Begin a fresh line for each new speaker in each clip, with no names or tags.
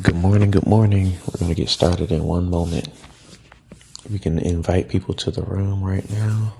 Good morning, good morning. We're going to get started in one moment. We can invite people to the room right now.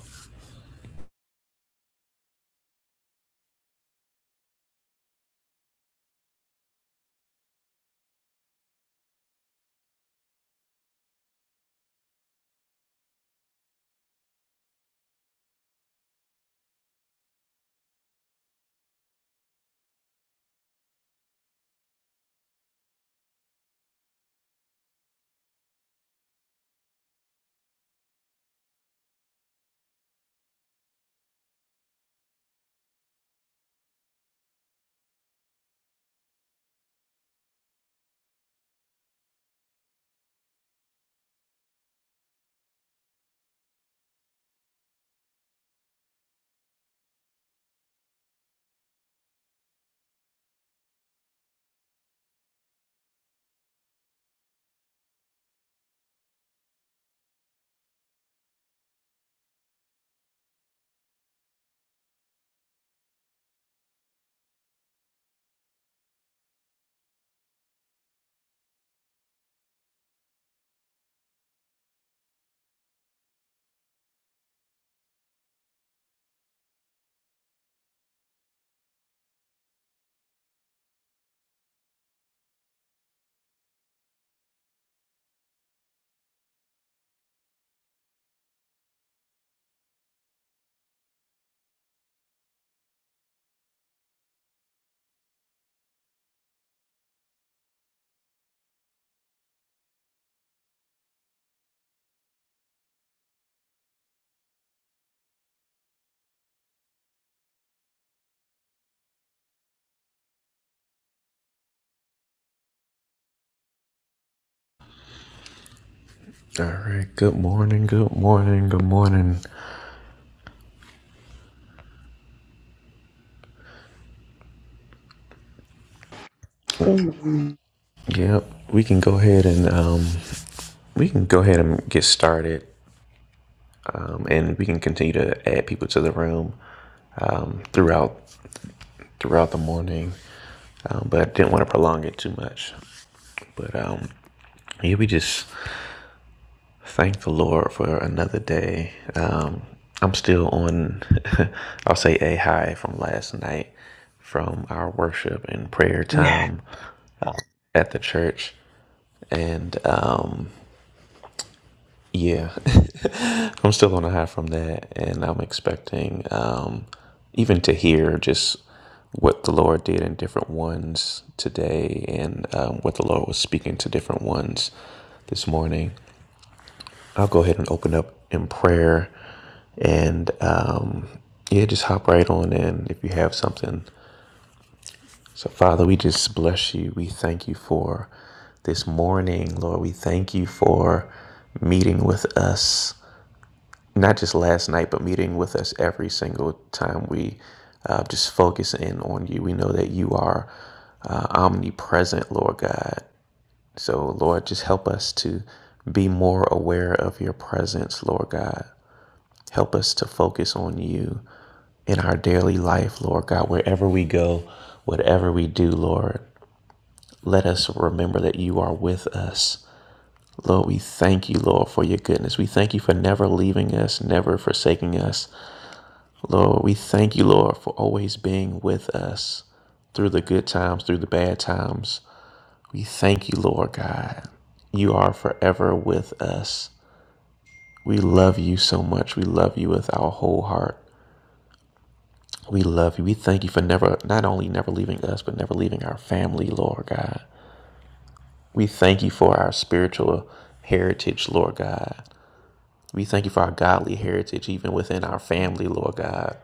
All right, good morning, good morning, good morning.
Good
Yep, we can go ahead and um we can go ahead and get started. Um, and we can continue to add people to the room throughout throughout the morning. Um, but I didn't want to prolong it too much. But um yeah, we just Thank the Lord for another day. Um, I'm still on, I'll say a high from last night from our worship and prayer
Yeah.
time uh, at the church. And um, yeah, I'm still on a high from that. And I'm expecting um, even to hear just what the Lord did in different ones today and um, what the Lord was speaking to different ones this morning. I'll go ahead and open up in prayer and um, yeah, just hop right on in if you have something. So, Father, we just bless you. We thank you for this morning, Lord. We thank you for meeting with us, not just last night, but meeting with us every single time we uh, just focus in on you. We know that you are uh, omnipresent, Lord God. So, Lord, just help us to be more aware of your presence, Lord God. Help us to focus on you in our daily life, Lord God, wherever we go, whatever we do, Lord. Let us remember that you are with us. Lord, we thank you, Lord, for your goodness. We thank you for never leaving us, never forsaking us. Lord, we thank you, Lord, for always being with us through the good times, through the bad times. We thank you, Lord God. You are forever with us. We love you so much. We love you with our whole heart. We love you. We thank you for never, not only never leaving us, but never leaving our family, Lord God. We thank you for our spiritual heritage, Lord God. We thank you for our godly heritage, even within our family, Lord God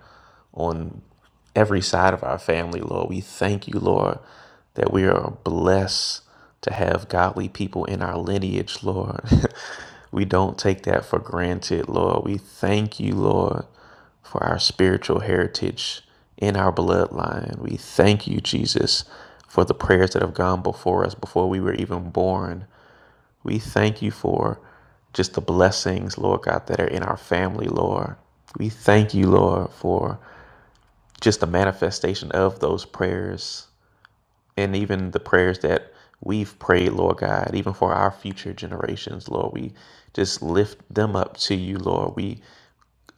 on every side of our family, Lord. We thank you, Lord, that we are blessed to have godly people in our lineage, Lord. we don't take that for granted, Lord. We thank you, Lord, for our spiritual heritage in our bloodline. We thank you, Jesus, for the prayers that have gone before us before we were even born. We thank you for just the blessings, Lord God, that are in our family, Lord. We thank you, Lord, for just a manifestation of those prayers and even the prayers that we've prayed, Lord God, even for our future generations, Lord. We just lift them up to you, Lord. We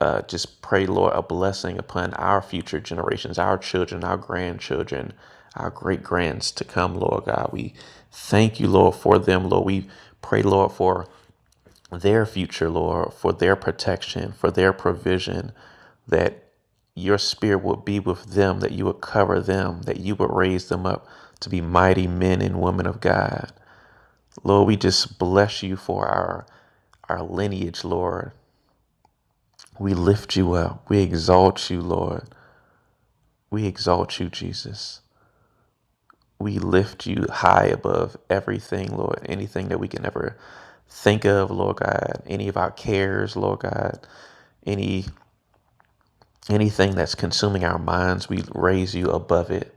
uh, just pray, Lord, a blessing upon our future generations, our children, our grandchildren, our great grands to come, Lord God. We thank you, Lord, for them, Lord. We pray, Lord, for their future, Lord, for their protection, for their provision, that your spirit would be with them, that you would cover them, that you would raise them up to be mighty men and women of God. Lord, we just bless you for our our lineage, Lord. We lift you up. We exalt you, Lord. We exalt you, Jesus. We lift you high above everything, Lord. Anything that we can ever think of, Lord God. Any of our cares, Lord God. Any Anything that's consuming our minds, we raise you above it.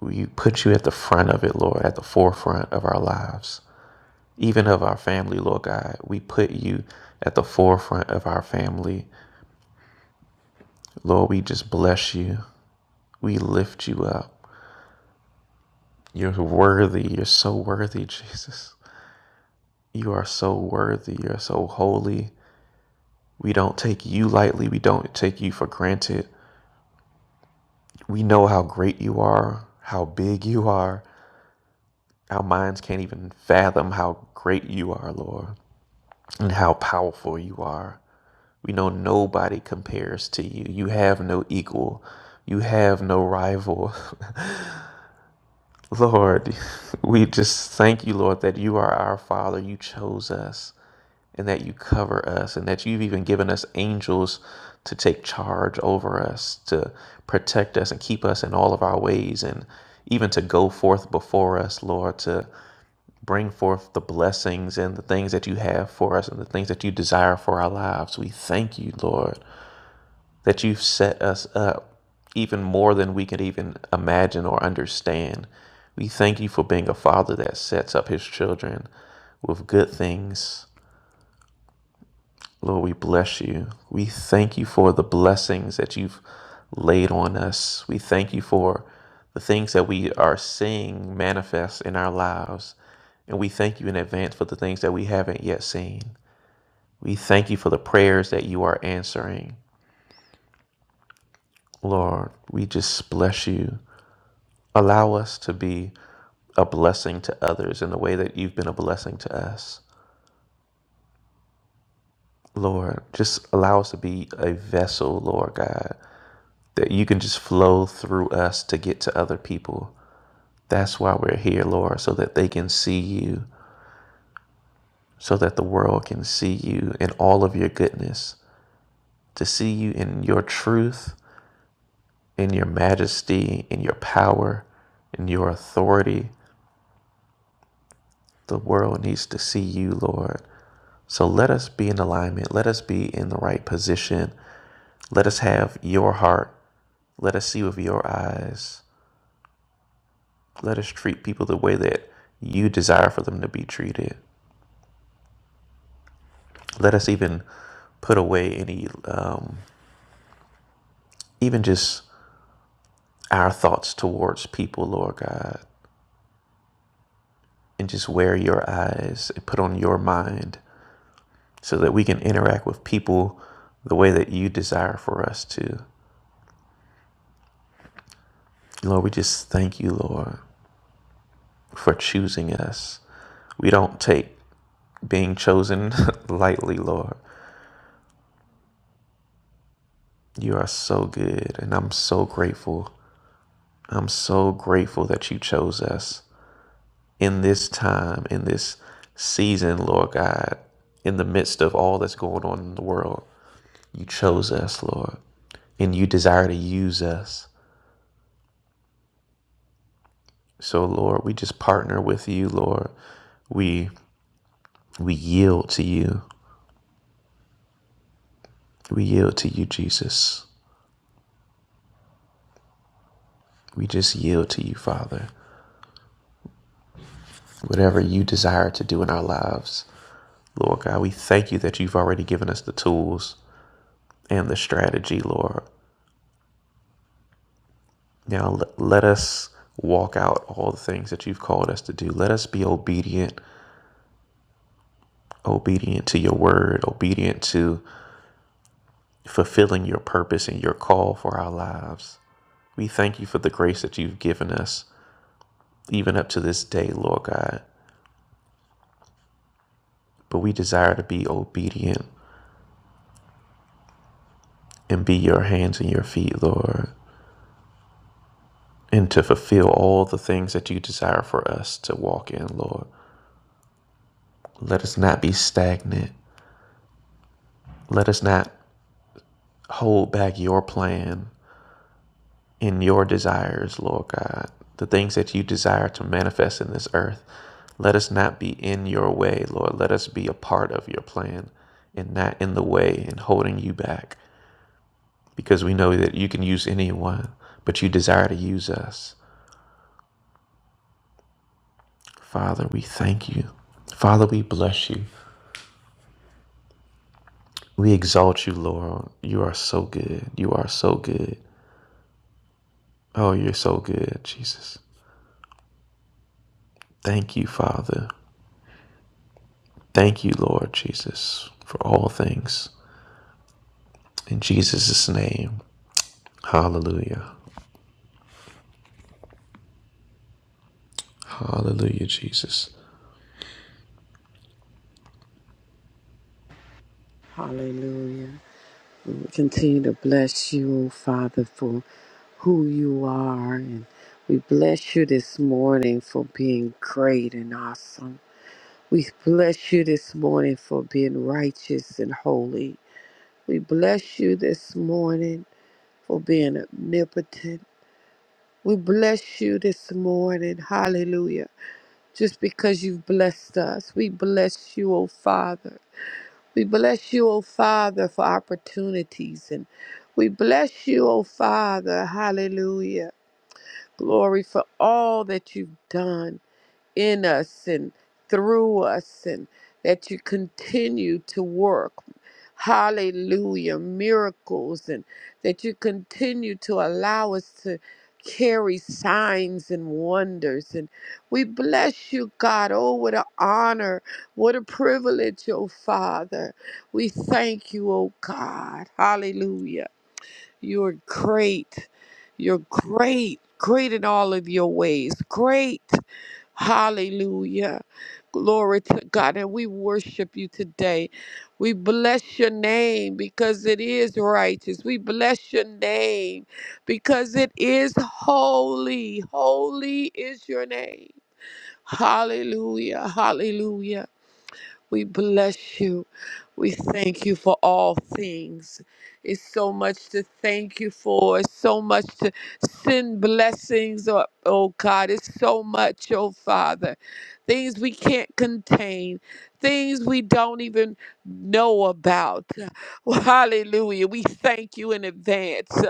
We put you at the front of it, Lord, at the forefront of our lives, even of our family, Lord God. We put you at the forefront of our family. Lord, we just bless you. We lift you up. You're worthy. You're so worthy, Jesus. You are so worthy. You're so holy. We don't take you lightly. We don't take you for granted. We know how great you are, how big you are, Our minds can't even fathom how great you are, Lord, and how powerful you are. We know nobody compares to you. You have no equal. You have no rival. Lord, we just thank you, Lord, that you are our Father. You chose us and that you cover us and that you've even given us angels to take charge over us, to protect us and keep us in all of our ways and even to go forth before us, Lord, to bring forth the blessings and the things that you have for us and the things that you desire for our lives. We thank you, Lord, that you've set us up even more than we can even imagine or understand. We thank you for being a father that sets up his children with good things Lord, we bless you. We thank you for the blessings that you've laid on us. We thank you for the things that we are seeing manifest in our lives. And we thank you in advance for the things that we haven't yet seen. We thank you for the prayers that you are answering. Lord, we just bless you. Allow us to be a blessing to others in the way that you've been a blessing to us. Lord, just allow us to be a vessel, Lord God, that you can just flow through us to get to other people. That's why we're here, Lord, so that they can see you, so that the world can see you in all of your goodness, to see you in your truth, in your majesty, in your power, in your authority. The world needs to see you, Lord. So let us be in alignment. Let us be in the right position. Let us have your heart. Let us see with your eyes. Let us treat people the way that you desire for them to be treated. Let us even put away any, um, even just our thoughts towards people, Lord God, and just wear your eyes and put on your mind so that we can interact with people the way that you desire for us to. Lord, we just thank you, Lord, for choosing us. We don't take being chosen lightly, Lord. You are so good, and I'm so grateful I'm so grateful that you chose us in this time, in this season, Lord God, in the midst of all that's going on in the world. You chose us, Lord, and you desire to use us. So, Lord, we just partner with you, Lord. We we yield to you. We yield to you, Jesus. We just yield to you, Father. Whatever you desire to do in our lives, Lord God, we thank you that you've already given us the tools and the strategy, Lord. Now let us walk out all the things that you've called us to do. Let us be obedient, obedient to your word, obedient to fulfilling your purpose and your call for our lives. We thank you for the grace that you've given us, even up to this day, Lord God. But we desire to be obedient and be your hands and your feet, Lord, and to fulfill all the things that you desire for us to walk in, Lord. Let us not be stagnant. Let us not hold back your plan in your desires, Lord God, the things that you desire to manifest in this earth. Let us not be in your way, Lord. Let us be a part of your plan and not in the way and holding you back because we know that you can use anyone, but you desire to use us. Father, we thank you. Father, we bless you. We exalt you, Lord. You are so good. You are so good. Oh, you're so good, Jesus. Thank you, Father. Thank you, Lord Jesus, for all things. In Jesus' name. Hallelujah. Hallelujah, Jesus.
Hallelujah. We continue to bless you, oh Father, for who you are. And we bless you this morning for being great and awesome. We bless you this morning for being righteous and holy. We bless you this morning for being omnipotent. We bless you this morning. Hallelujah. Just because you've blessed us, we bless you, oh Father. We bless you, O Father, for opportunities. And we bless you, O Father. Hallelujah. Glory for all that you've done in us and through us, and that you continue to work. Hallelujah, miracles, and that you continue to allow us to carry signs and wonders. And we bless you, God. Oh, what an honor, what a privilege, oh Father. We thank you, oh God. Hallelujah. You are great. You're great, great in all of your ways. Great. Hallelujah. Glory to God. And we worship you today. We bless your name because it is righteous. We bless your name because it is holy. Holy is your name. Hallelujah. Hallelujah. We bless you. We thank you for all things. It's so much to thank you for. It's so much to send blessings. Oh, oh God, it's so much, oh Father. Things we can't contain, things we don't even know about. Well, hallelujah. We thank you in advance.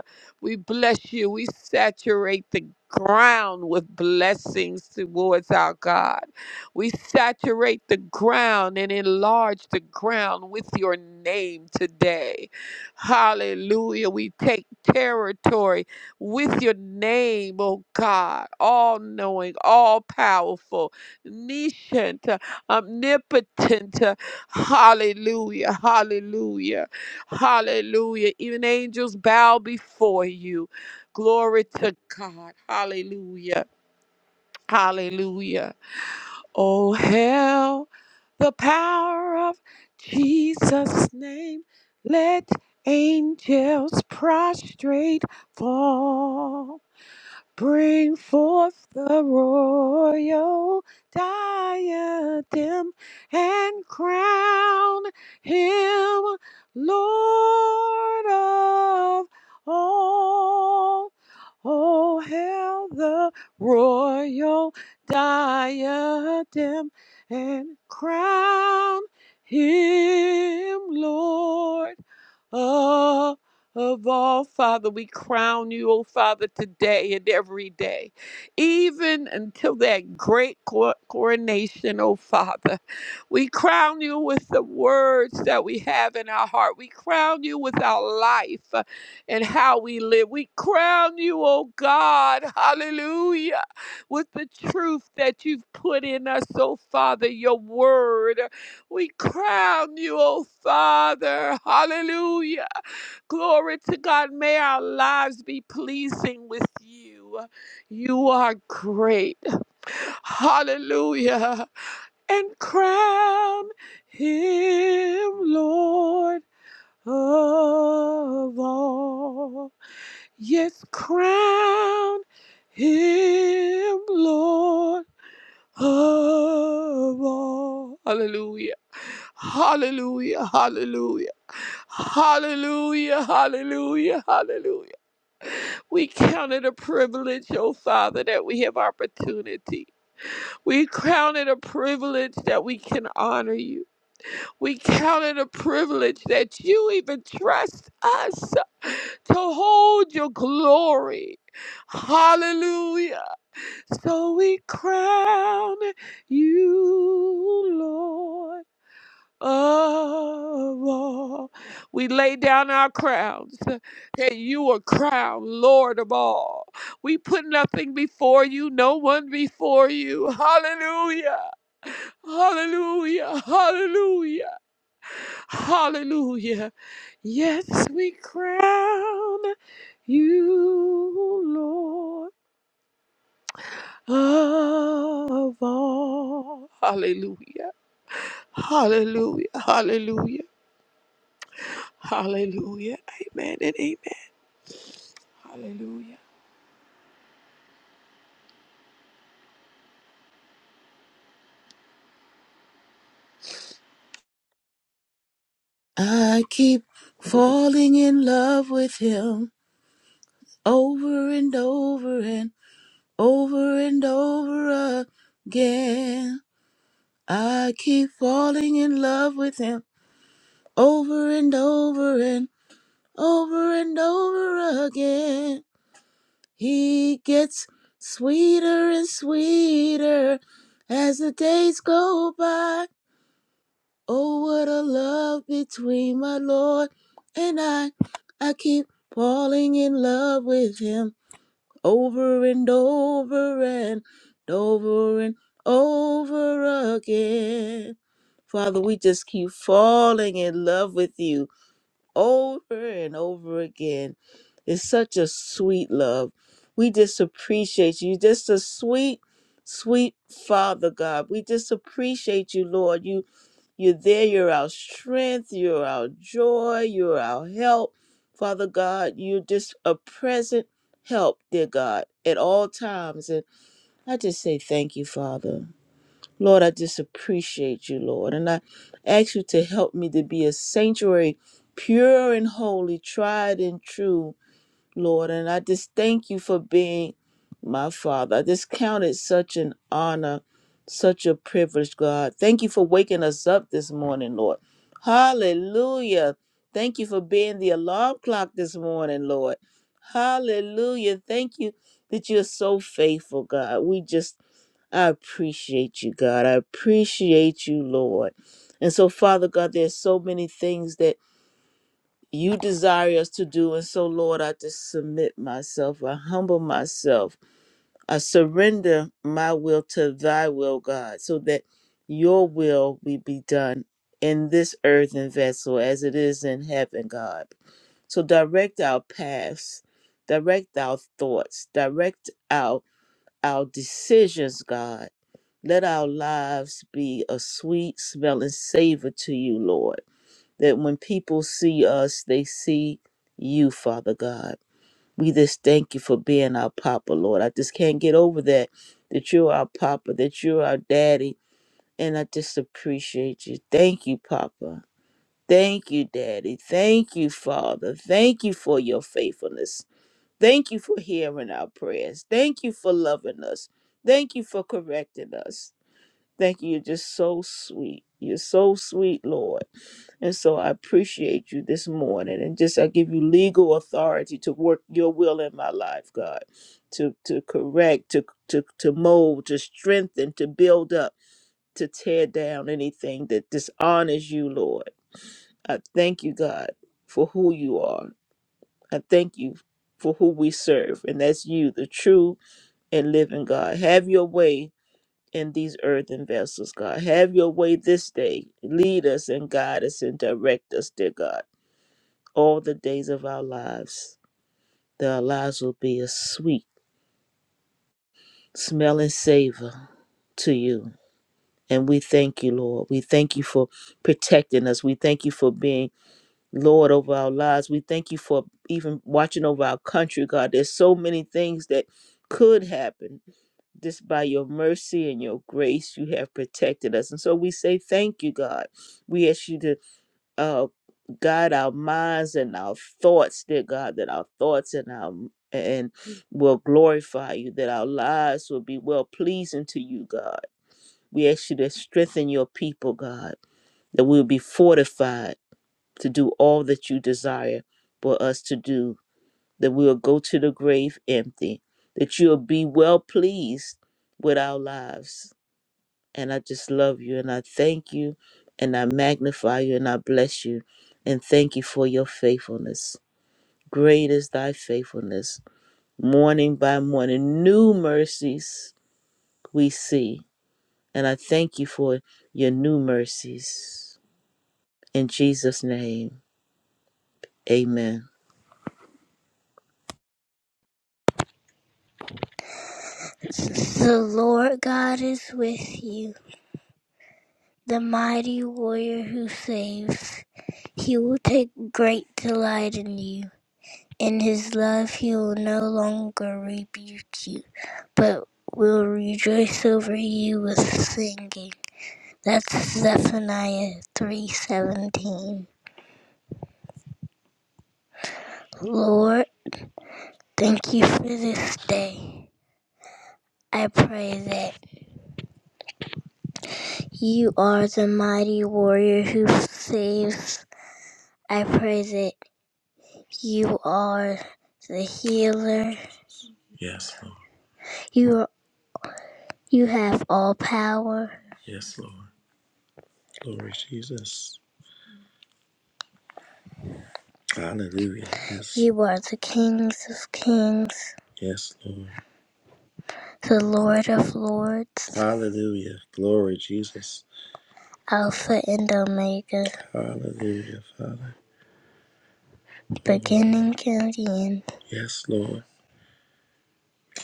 We bless you. We saturate the ground with blessings towards our God. We saturate the ground and enlarge the ground with your name today. Hallelujah. We take territory with your name, oh God, all knowing, all powerful, niscient, uh, omnipotent. uh, Hallelujah. Hallelujah. Hallelujah. Even angels bow before you. Glory to God. Hallelujah. Hallelujah. Oh, hell the power of Jesus' name. Let angels prostrate fall. Bring forth the royal diadem and crown him Lord of all. Oh, hail the royal diadem and crown him, Lord. Ah, of all, Father, we crown you, oh Father, today and every day, even until that great cor- coronation, oh Father. We crown you with the words that we have in our heart. We crown you with our life uh, and how we live. We crown you, oh God, hallelujah, with the truth that you've put in us, oh Father, your word. We crown you, O Father. Hallelujah. Glory to God. May our lives be pleasing with you. You are great. Hallelujah. And crown him, Lord of all. Yes, crown him, Lord. Oh, Hallelujah. Hallelujah. Hallelujah. Hallelujah. Hallelujah. Hallelujah. We count it a privilege, oh Father, that we have opportunity. We count it a privilege that we can honor you. We count it a privilege that you even trust us to hold your glory. Hallelujah. So we crown you, Lord of all. We lay down our crowns that you are crowned Lord of all. We put nothing before you, no one before you. Hallelujah. Hallelujah, hallelujah, hallelujah. Yes, we crown you, Lord of all. Hallelujah. Hallelujah. Hallelujah. Hallelujah. Amen and amen. Hallelujah.
I keep falling in love with him over and over and over and over again. I keep falling in love with him over and over and over and over again. He gets sweeter and sweeter as the days go by. Oh, what a love between my Lord and I. I keep falling in love with him over and over and over and over again. Father, we just keep falling in love with you over and over again. It's such a sweet love. We just appreciate you. Just a sweet, sweet Father God. We just appreciate you, Lord. You you're there. You're our strength. You're our joy. You're our help. Father God, you're just a present help, dear God, at all times. And I just say thank you, Father. Lord, I just appreciate you, Lord. And I ask you to help me to be a sanctuary, pure and holy, tried and true. Lord. And I just thank you for being my father. I just count it such an honor, such a privilege, God. Thank you for waking us up this morning, Lord. Hallelujah. Thank you for being the alarm clock this morning, Lord. Hallelujah. Thank you that you're so faithful, God. We just, I appreciate you, God. I appreciate you, Lord. And so, Father God, there's so many things that you desire us to do. And so, Lord, I just submit myself, I humble myself, I surrender my will to thy will, God, so that your will will be done in this earthen vessel as it is in heaven, God. So direct our paths, direct our thoughts, direct our our decisions, God. Let our lives be a sweet smelling savor to you, Lord that when people see us, they see you, Father God. We just thank you for being our Papa, Lord. I just can't get over that, that you're our Papa, that you're our Daddy. And I just appreciate you. Thank you, Papa. Thank you, Daddy. Thank you, Father. Thank you for your faithfulness. Thank you for hearing our prayers. Thank you for loving us. Thank you for correcting us. Thank you. You're just so sweet. You're so sweet, Lord. And so I appreciate you this morning and just I give you legal authority to work your will in my life, God, to to correct, to to to mold, to strengthen, to build up, to tear down anything that dishonors you, Lord. I thank you, God, for who you are. I thank you for who we serve, and that's you, the true and living God. Have your way in these earthen vessels, God. Have your way this day. Lead us and guide us and direct us, dear God all the days of our lives, that our lives will be a sweet smelling savor to you. And we thank you, Lord. We thank you for protecting us. We thank you for being Lord over our lives. We thank you for even watching over our country, God. There's so many things that could happen. Just by your mercy and your grace, you have protected us. And so we say thank you, God. We ask you to uh, God, our minds and our thoughts, dear God, that our thoughts and our and will glorify you, that our lives will be well pleasing to you, God. We ask you to strengthen your people, God, that we'll be fortified to do all that you desire for us to do, that we'll go to the grave empty, that you'll be well pleased with our lives and I just love you and I thank you and I magnify you and I bless you and thank you for your faithfulness. Great is thy faithfulness. Morning by morning, new mercies we see. And I thank you for your new mercies. In Jesus' name, amen.
The Lord God is with you, the mighty warrior who saves. He will take great delight in you. In his love, he will no longer rebuke you, but will rejoice over you with singing. That's Zephaniah 3:17. Lord, thank you for this day. I pray that you are the mighty warrior who saves. I pray that You are the healer. Yes, Lord. You are, you have all power. Yes, Lord. Glory Jesus. Hallelujah. Yes. You are the kings of kings, Yes, Lord. the Lord of lords, Hallelujah. Glory Jesus. Alpha and Omega, Hallelujah, Father. beginning and the end. Yes, Lord.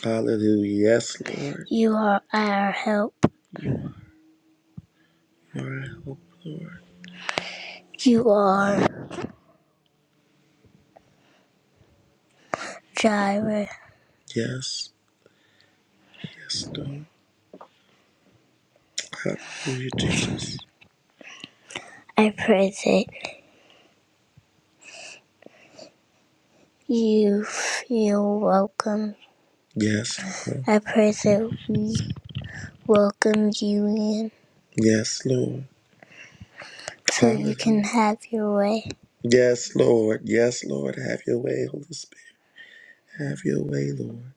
Hallelujah. Yes, Lord. You are our help. You are our help, Lord. You are Jireh. Yes, yes, God. Hallelujah, Jesus. I pray that you feel welcome. Yes, Lord. I pray that we welcome you in Yes, Lord. so Hallelujah. you can have your way. Yes, Lord. Yes, Lord. Have your way, Holy Spirit. Have your way, Lord.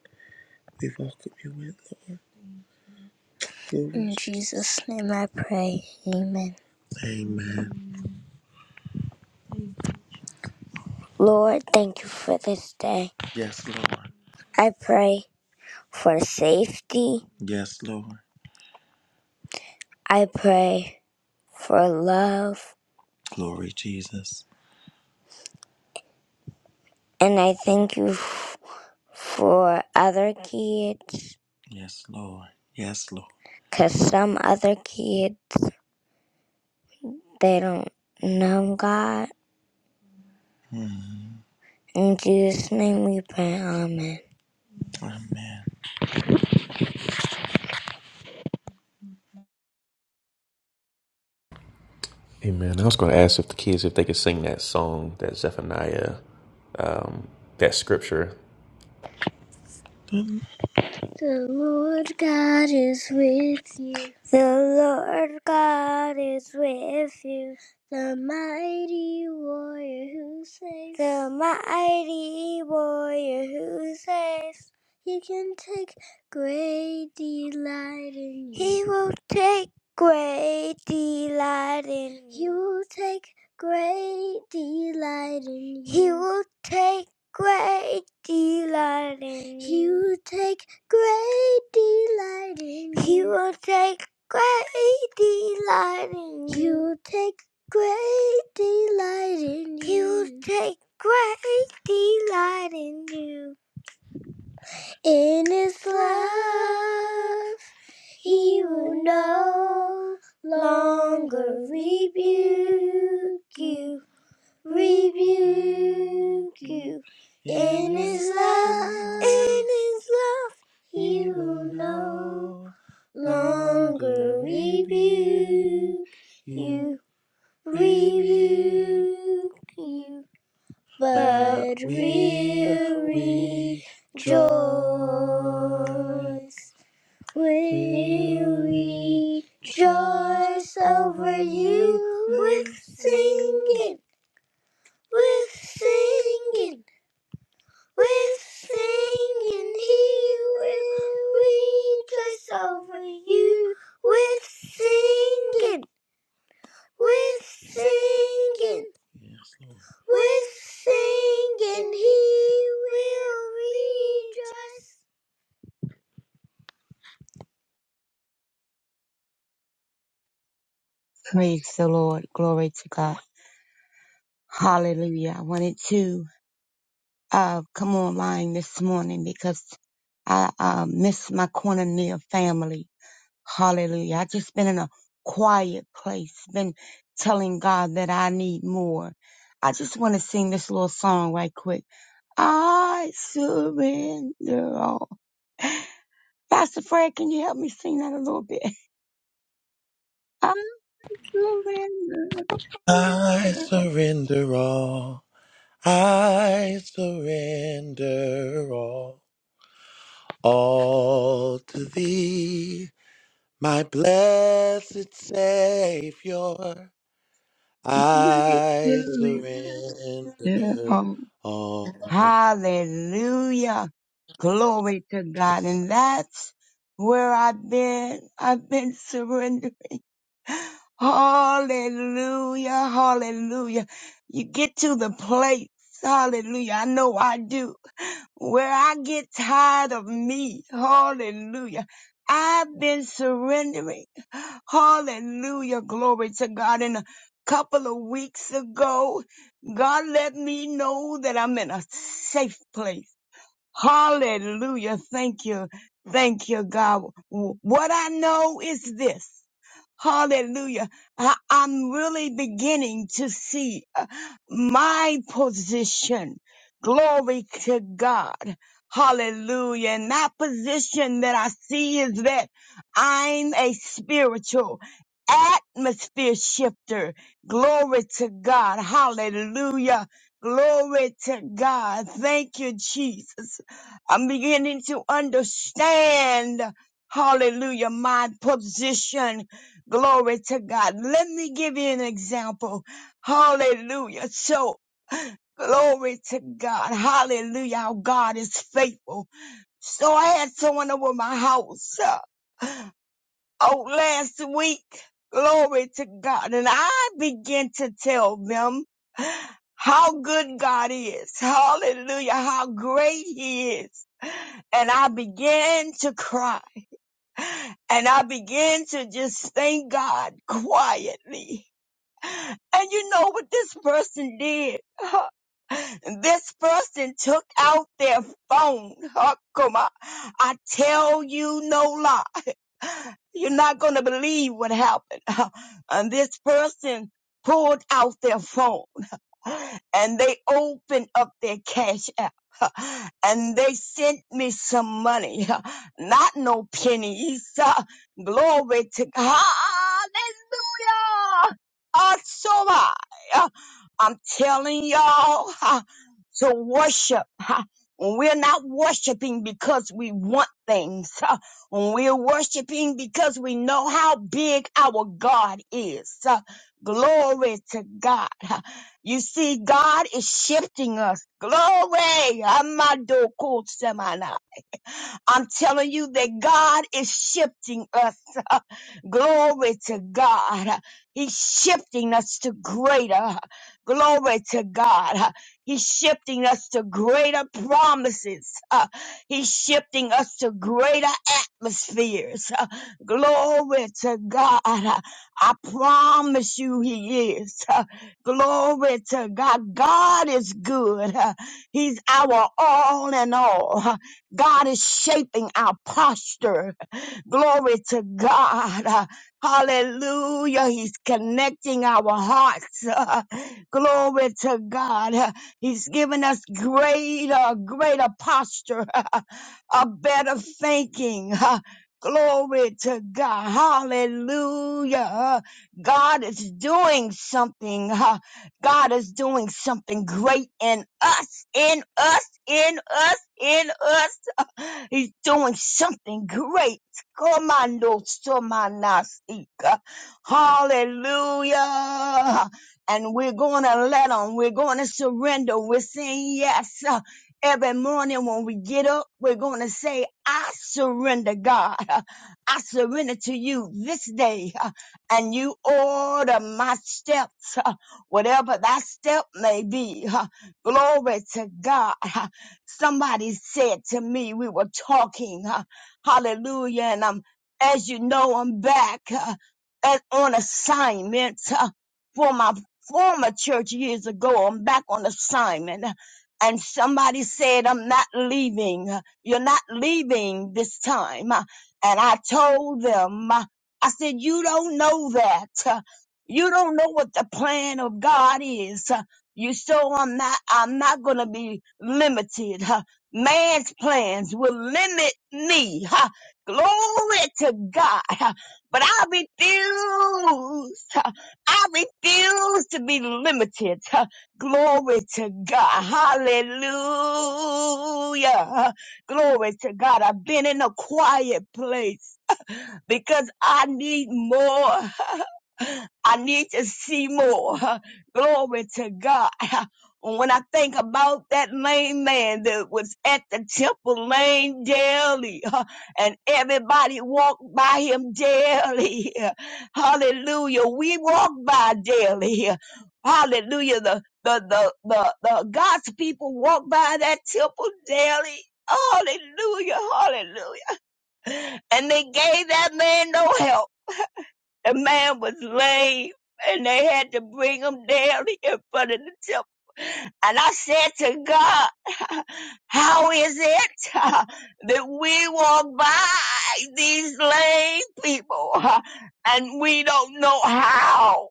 We welcome you in, Lord. Glory, In Jesus. Jesus' name I pray. Amen. Amen. Lord, thank you for this day. Yes, Lord. I pray for safety. Yes, Lord. I pray for love. Glory, Jesus. And I thank you f- for other kids Yes, Lord. Yes, Lord. 'Cause some other kids, they don't know God. Mm. In Jesus' name we pray. Amen. Amen.
Amen. I was going to ask if the kids, if they could sing that song, that Zephaniah, that scripture.
The Lord God is with you. The Lord God is with you. The mighty warrior who saves. The mighty warrior who saves. He can take great delight in you. He will take great delight in you. He will take great delight in you. He will take great delight in you. He will take great delight in you. He will take great delight in He you. He will take great delight in you. He will take great delight in you. In His love, He will no longer rebuke you rebuke you. In his love, in his love, he will no longer rebuke you, rebuke you, but will rejoice. Will rejoice over you with singing we're singing, we're singing, he will rejoice over you. We're singing, we're singing. Yes, Lord. We're singing, he will rejoice.
Praise the Lord. Glory to God. Hallelujah. I wanted to uh, come online this morning because I uh, miss my corner family. Hallelujah. I just been in a quiet place, been telling God that I need more. I just want to sing this little song right quick. I surrender all. Pastor Fred, can you help me sing that a little bit? I surrender.
I surrender all, I surrender all, all to thee. My blessed Savior,
I
I
surrender
surrender
all.
all.
Hallelujah. Glory to God.
Jesus.
And that's where I've been. I've been surrendered. Hallelujah. Hallelujah. You get to the place. Hallelujah. I know I do. Where I get tired of me. Hallelujah. I've been surrendering. Hallelujah. Glory to God. And a couple of weeks ago, God let me know that I'm in a safe place. Hallelujah. Thank you. Thank you, God. What I know is this. Hallelujah. I, I'm really beginning to see uh, my position. Glory to God. Hallelujah. And that position that I see is that I'm a spiritual atmosphere shifter. Glory to God. Hallelujah. Glory to God. Thank you, Jesus. I'm beginning to understand. Hallelujah. My position. Glory to God. Let me give you an example. Hallelujah. So, glory to God. Hallelujah. How God is faithful. So I had someone over my house, uh, oh, last week. Glory to God. And I began to tell them how good God is. Hallelujah. How great he is. And I began to cry and I began to just thank God quietly. And you know what this person did? This person took out their phone. Huh, Come on. I tell you no lie. You're not going to believe what happened. And this person pulled out their phone and they opened up their cash app. And they sent me some money, not no pennies. Glory to God. Hallelujah. Ah, so high. I'm telling y'all ha, to worship. ha. When we're not worshiping because we want things, ha, when we're worshiping because we know how big our God is. ha. Glory to God. ha. You see, God is shifting us. Glory. Amado I'm telling you that God is shifting us. Glory to God. He's shifting us to greater. Glory to God. He's shifting us to greater promises. Uh, He's shifting us to greater atmospheres. Uh, Glory to God. I promise you he is. Uh, Glory to God. God is good. Uh, He's our all in all. God is shaping our posture. Glory to God. Uh, Hallelujah. He's connecting our hearts. Uh, Glory to God. Uh, He's giving us greater, greater posture, a better thinking. Uh, Glory to God. Hallelujah. Uh, God is doing something. Uh, God is doing something great in us, in us, in us, in us He's doing something great. Commando Somanasika. Hallelujah. And we're going to let him. We're going to surrender. We're saying yes. Every morning when we get up, we're going to say, I surrender, God. I surrender to you this day. And you order my steps, whatever that step may be. Glory to God. Somebody said to me, we were talking, uh, hallelujah, and I'm, as you know, I'm back uh, at, on assignment uh, for my former church years ago. I'm back on assignment. And somebody said, I'm not leaving. You're not leaving this time. Uh, And I told them, uh, I said, you don't know that. Uh, You don't know what the plan of God is. You so I'm not I'm not gonna be limited. huh? Man's plans will limit me. huh? Glory to God. huh? But I refuse. huh? I refuse to be limited. huh? Glory to God. Hallelujah. huh? Glory to God. I've been in a quiet place because I need more. I need to see more. Glory to God. When I think about that lame man that was at the temple lane daily, and everybody walked by him daily. Hallelujah. We walk by daily. Hallelujah. The, the, the, the, the God's people walk by that temple daily. Hallelujah. Hallelujah. And they gave that man no help the man was lame, and they had to bring him down in front of the church. And I said to God, how is it that we walk by these lame people and we don't know how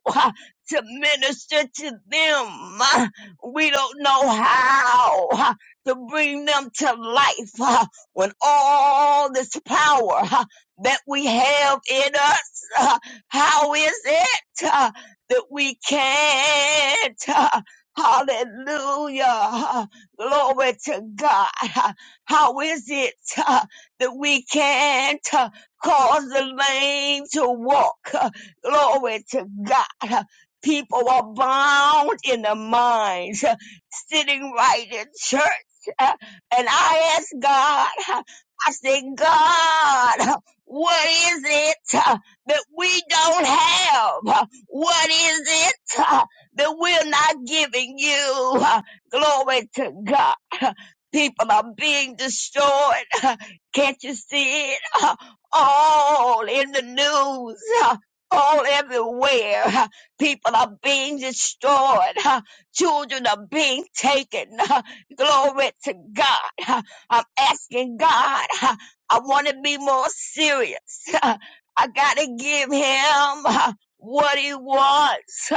to minister to them? We don't know how to bring them to life when all this power that we have in us, how is it that we can't? Hallelujah. Glory to God. How is it uh, that we can't uh, cause the lame to walk? Uh, Glory to God. People are bound in their minds, uh, sitting right in church. Uh, And I ask God, uh, I say, God, uh, what is it uh, that we don't have? Uh, What is it? uh, that we're not giving you. uh, Glory to God. People are being destroyed. Can't you see it? All in the news. All everywhere. People are being destroyed. Children are being taken. Glory to God. I'm asking God. I want to be more serious. I got to give him what he wants.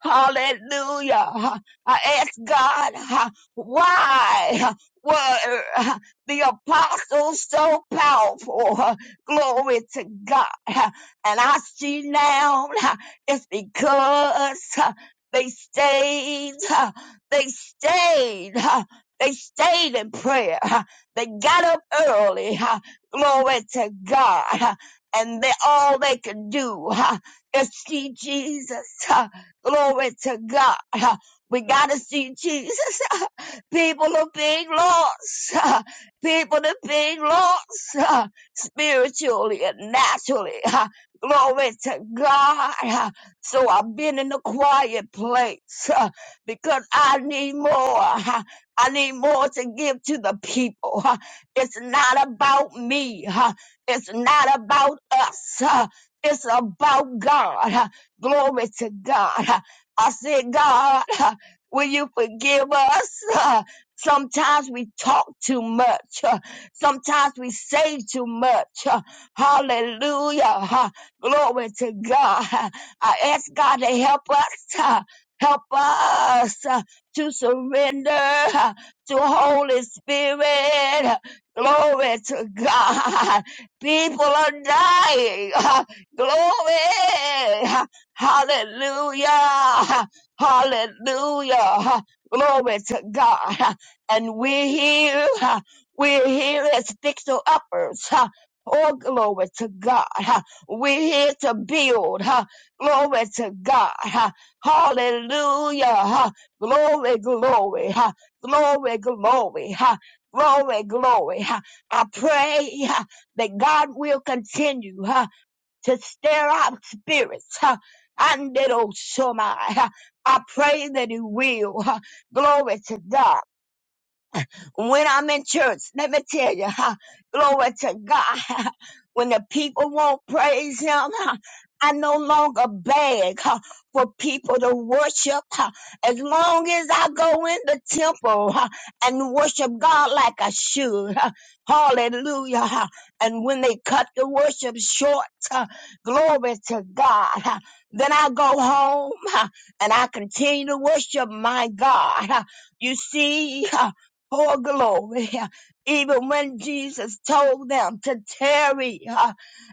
Hallelujah. I ask God, uh, why uh, were uh, the apostles so powerful? Uh, Glory to God. Uh, And I see now uh, it's because uh, they stayed, uh, they stayed, uh, they stayed in prayer. Uh, They got up early. uh, Glory to God. Uh, And they, all they could do uh, is see Jesus. Glory to God. We gotta see Jesus. People are being lost. People are being lost spiritually and naturally. Glory to God. So I've been in a quiet place because I need more. I need more to give to the people. It's not about me. It's not about us. It's about God. Glory to God. I said, God, will you forgive us? Sometimes we talk too much. Sometimes we say too much. Hallelujah. Glory to God. I ask God to help us. Help us to surrender to Holy Spirit. Glory to God. People are dying. Glory. Hallelujah. Hallelujah. Glory to God. And we're here. We're here as fixer uppers. Oh, glory to God. We're here to build. Glory to God. Hallelujah. Glory, glory. Glory, glory. Glory, glory. I pray that God will continue to stir out spirits. huh, And it'll show my. huh? I pray that He will. huh. Glory to God. When I'm in church, let me tell you, huh, glory to God. When the people won't praise Him, huh, I no longer beg huh, for people to worship. huh. As long as I go in the temple huh, and worship God like I should, huh. hallelujah. huh. And when they cut the worship short, huh, glory to God, huh, then I go home huh, and I continue to worship my God. huh. You see, Oh, glory. Even when Jesus told them to tarry uh,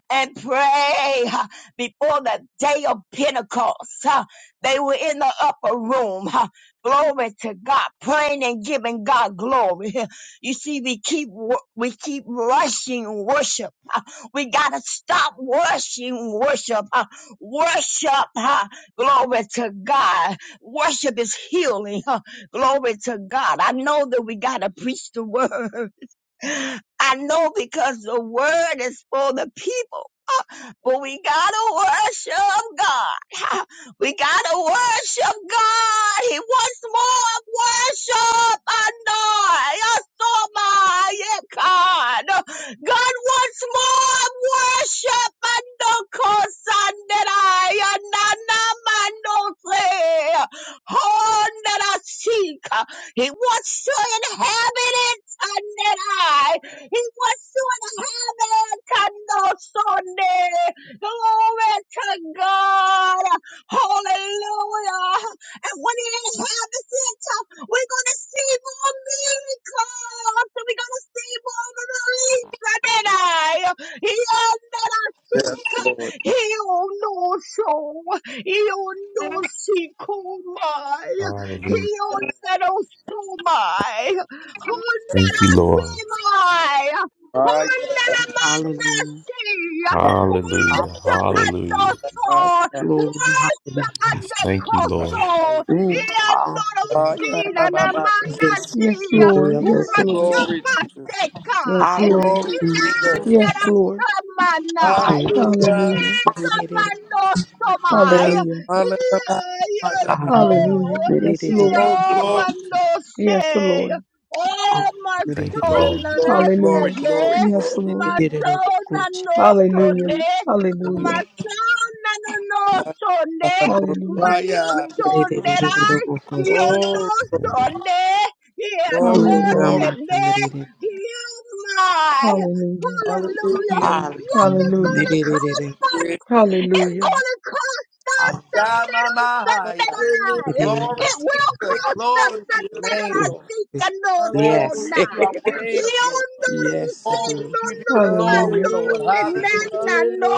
and pray uh, before the day of Pentecost, uh, they were in the upper room. uh, Glory to God, praying and giving God glory. You see, we keep wo- we keep rushing worship. uh, We gotta stop rushing worship. uh, Worship, uh, glory to God. Worship is healing. Glory to God. I know that we got to preach the word. I know because the word is for the people. But we gotta worship God. We gotta worship God. He wants more of worship. I know. I saw my yeah, God. God wants more of worship. I know. Cause I did I. Nana manose. Oh, that I seek. He wants to inhabit it. And that I. He wants to inhabit. And no Glory to God. Hallelujah. And when he is inhabitants, we're going to see more miracles. And we're going to see more release. And then I, he that I
Yes,
seek,
Lord.
he no show, he no seek, oh my, he
Hallelujah.
that I so my, who that
Thank you,
I
Lord.
see my, who
Fire,
that I'm on the
Hallelujah.
sea.
fire,
Hallelujah.
Worship and
Hallelujah.
also
fire, fire,
Glory.
worship
We
and
Hallelujah.
the
thank you, Lord.
coso.
fire,
Mm. Hallelujah.
fire,
and
ba,
Yes.
amanasi.
Yes,
In
Lord.
the other
Yes, Lord.
Worship
course.
Glory, Jesus.
Yes,
atekai.
Hallelujah.
Lord.
Glory,
Mm,
Jesus.
Yes,
Yandera
Lord.
samanai.
I-
Hallelujah.
Hallelujah.
Hallelujah.
Yekamanostomai.
Yes.
Hallelujah.
Hallelujah.
Yeso.
Hallelujah.
Hallelujah. Yes,
Hallelujah.
Lord.
Oh, glory,
Yes,
Yomanosei.
Lord.
Oh, my
Thank you,
soul,
glory,
Lord.
and I
glory, glory,
Hallelujah.
said,
glory,
Yes, Lord.
Masona no
Hallelujah.
sone,
glory.
Hallelujah.
masona no no sone,
Hallelujah.
Hallelujah.
mano
Fire.
sone rai,
Hallelujah.
yondo
Oh, glory.
sone,
Glory,
Oh,
Hallelujah.
glory,
yakosene,
Rama
you my,
Hallelujah.
hallelujah.
hallelujah,
Amen.
yes, it's
Hallelujah.
gonna
Hallelujah.
cost
Yeah,
us, it's
Hallelujah.
gonna cost us Sunday on Sunday
Yamamahaya.
Hallelujah.
Hallelujah.
Glory,
It will
Jesus.
cost us
Glory to your
Sunday on
name,
our
Lord.
seat and no
Hallelujah.
Oh, we
Yes.
give
sona,
you our
Hey,
worship, Lord.
Yes, it
Oh,
will.
no
we give you
no
the glory,
Hallelujah.
Lord.
Hallelujah.
Hallelujah.
no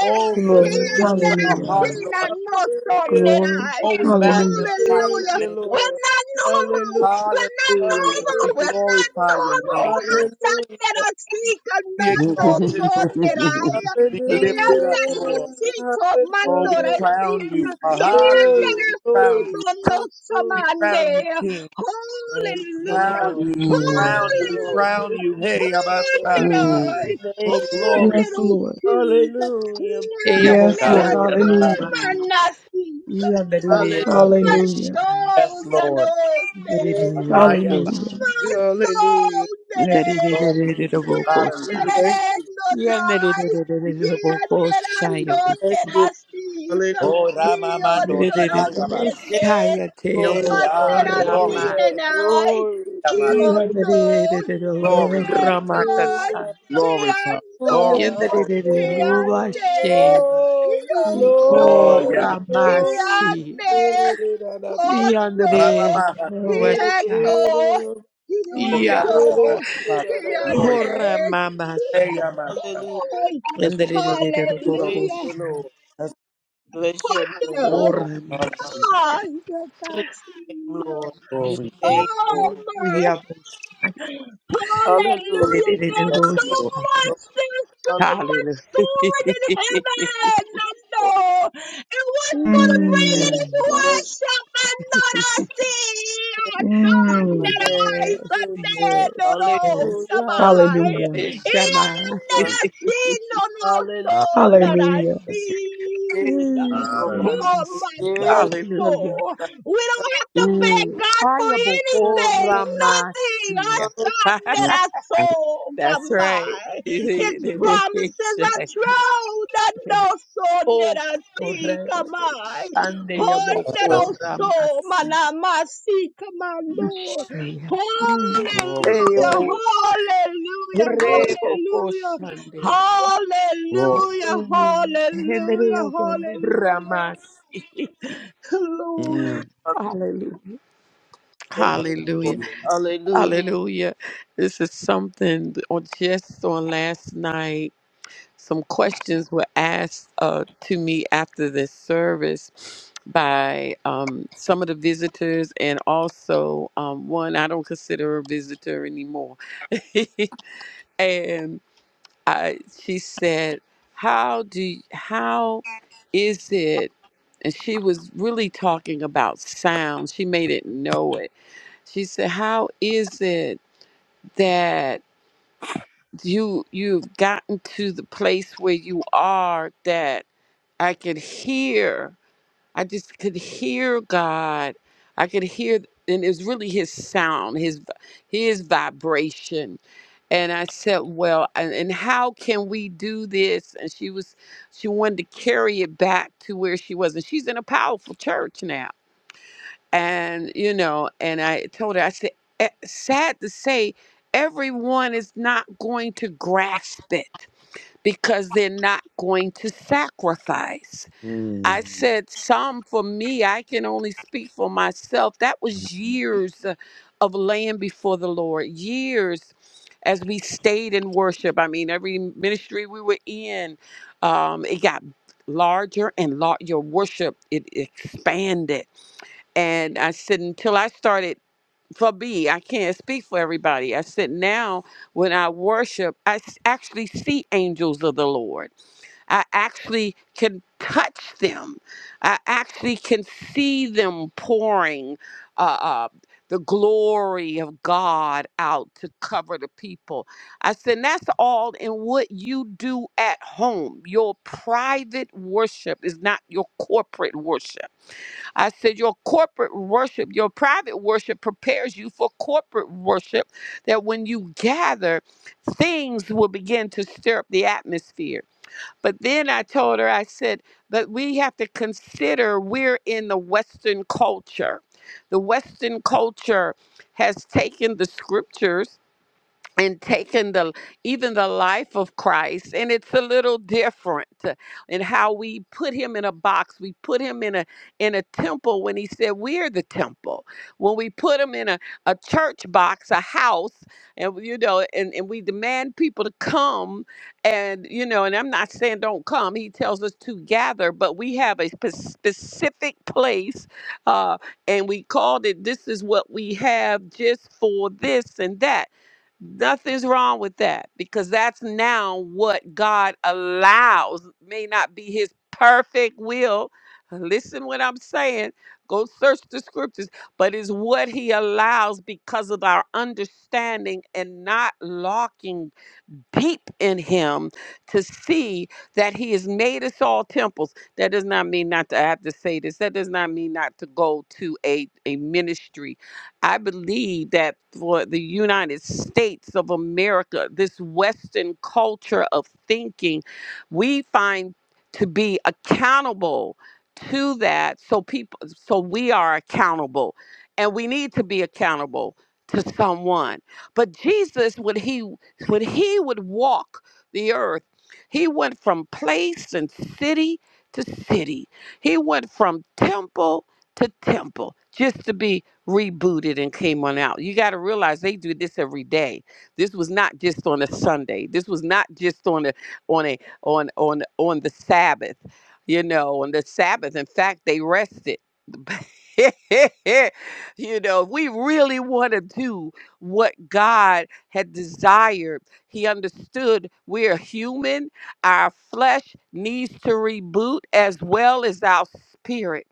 Oh, from the
Glory.
Hallelujah.
depths of our
Hallelujah.
heart,
Mm.
Lord.
no
Hallelujah.
Glory.
Oh, we
Hallelujah.
magnify
Thank
your
Hallelujah.
you,
name.
We're
Lord.
not normal.
Hallelujah.
Hallelujah,
We're not
Lord.
normal.
We
Hallelujah.
We're not
glorify your
normal.
name, Lord.
Hallelujah.
Be exalted, Lord. Be lifted up, Lord.
Hallelujah.
Oh, we
Hallelujah.
crown you.
Glory.
Hallelujah. We
Glory.
crown you.
no
We
Hallelujah.
crown you King.
Thank
We
you,
Hallelujah.
crown
Lord.
you, we
Thank
Mm.
crown you,
you,
we
Lord.
crown
Bless
you.
your
Hey,
name. Lord.
Abasha.
Mm.
Bless your
Oh,
name.
glory,
Yes, Lord.
Hallelujah. Bless-
Yes,
God.
Lord.
Eyaboko
Hallelujah.
Rama.
Yes, Lord.
Oh,
Hallelujah.
Yabereboko
my
Hallelujah.
Shai.
soul,
Yes,
no,
Lord.
no,
I
Yabereboko
am a
Hallelujah.
Shai.
Hallelujah.
Masonere.
glory, Jesus.
Yabereboko
Bless
Hallelujah.
you.
Shai.
Bless
Yendere
you.
nonai.
Yabereboko
Yendera
Shai. Yabusi.
sonera sik.
Bless you.
Oh, Ramamando
Yondoro
Yabereboko
Shayabas.
sene.
Shai.
Hallelujah.
Hey,
Yateyaboko
ah,
Kondera
glory
Rama.
to
Hallelujah.
sinenai.
Glory.
Yama.
Hallelujah.
Yondo.
Glory to
Yegon.
Ramakasa.
Glory, Father.
Yando.
Hallelujah.
Glory, glory.
Yenderere
Glory.
Yande.
Uvashe.
Yoso.
Oh,
Iko
Yama.
Ramasi.
Yande. Hondo.
Yandere
Ramamama.
Glory.
Uvashai.
Yeko.
Oh,
Ya.
Glory.
Yosho,
Yama. Glory.
Hora
Yande,
Hey,
Mamasha.
Yama.
Hallelujah.
Yahoi.
As we
Yenderere
worship you, Lord.
Thank
Hallelujah.
you,
Uvokosha.
Lord. Bless your
What
name, Lord.
the?
Ora
Hallelujah.
Masha.
I
Bless
can't see
your name, Lord.
you.
Bless your
Glory to you,
name,
Oh
Lord.
my.
Bless- Hallelujah.
Hallelujah. There's so
Thank you,
Lord.
Lord.
much, there's so
Hallelujah. Hallelujah.
much stored in heaven. I know. And what's going to bring
Hallelujah.
it is
Mm,
Bless
worship and not I see.
your name.
I saw,
mm.
that I
Yes,
saw
Lord.
that no,
yes,
no.
Hallelujah,
yes.
Come on.
hallelujah,
Hallelujah.
And
Shammai.
that
Hallelujah.
hallelujah,
I see, no, no, so
hallelujah.
that I
Hallelujah.
Hallelujah.
Yes,
see.
Lord.
Oh,
Jesus.
my
Yes,
Hallelujah.
soul. We don't have to beg
Mm.
God for anything,
Lord.
nothing
Ayabokoramasia.
Hallelujah.
outside that our
God,
soul come
That's right.
by. His promises are true, that no soul that
Oh,
I see come by. Oh, little soul, man,
Shandeyabokoramasia.
I must see come on, Lord.
Mm.
glory, glory,
Hallelujah,
Eyabo-
glory,
hallelujah, hallelujah,
Rebokoshandea.
glory.
hallelujah,
Mm.
hallelujah, hallelujah.
Hendeyaboramasi.
Glory.
Hallelujah.
Thank you, Lord.
Hallelujah.
Hallelujah.
Hallelujah. This is something on just on last night. Some questions were asked uh, to me after this service by um, some of the visitors, and also um, one I don't consider her a visitor anymore. and I, she said, "How do? y- How is it?" And she was really talking about sound. She made it know it. She said, "How is it?" that you you've gotten to the place where you are that I could hear I just could hear God I could hear and it was really his sound his his vibration and I said well and, and how can we do this and she was she wanted to carry it back to where she was and she's in a powerful church now and you know and i told her i said "E- sad to say everyone is not going to grasp it because they're not going to sacrifice
Mm-hmm.
i Mm. said some for me i can only speak for myself that was years uh, of laying before the lord years as we stayed in worship i mean every ministry we were in um, it got larger and larger your worship it expanded and I said until I started for me, I can't speak for everybody. I said now when I worship, I s- actually see angels of the Lord. I actually can touch them. I actually can see them pouring uh, uh, the glory of God out to cover the people. I said and that's all in what you do at home. Your private worship is not your corporate worship I said, Your corporate worship, your private worship prepares you for corporate worship, that when you gather, things will begin to stir up the atmosphere. But then I told her, I said, But we have to consider we're in the Western culture. The Western culture has taken the scriptures and taken the even the life of Christ and it's a little different uh, in how we put him in a box we put him in a in a temple when he said we're the temple when we put him in a, a church box a house and you know and, and we demand people to come and you know and I'm not saying don't come he tells us to gather but we have a spe- specific place uh and we called it this is what we have just for this and that Nothing's wrong with that because that's now what God allows. May not be his perfect will. Listen what I'm saying. Go search the scriptures, but it's what he allows because of our understanding and not locking peep in him to see that he has made us all temples. That does not mean not to I have to say this. That does not mean not to go to a, a ministry. I believe that for the United States of America, this Western culture of thinking, we find to be accountable to that so people so we are accountable and we need to be accountable to someone but jesus when he when he would walk the earth, he went from place and city to city. He went from temple to temple just to be rebooted and came on out. You got to realize they do this every day. This was not just on a Sunday. This was not just on a on a on on on the Sabbath. You know, on the Sabbath. In fact, they rested. you know, if we really want to do what God had desired. He understood we are human, our flesh needs to reboot as well as our spirit.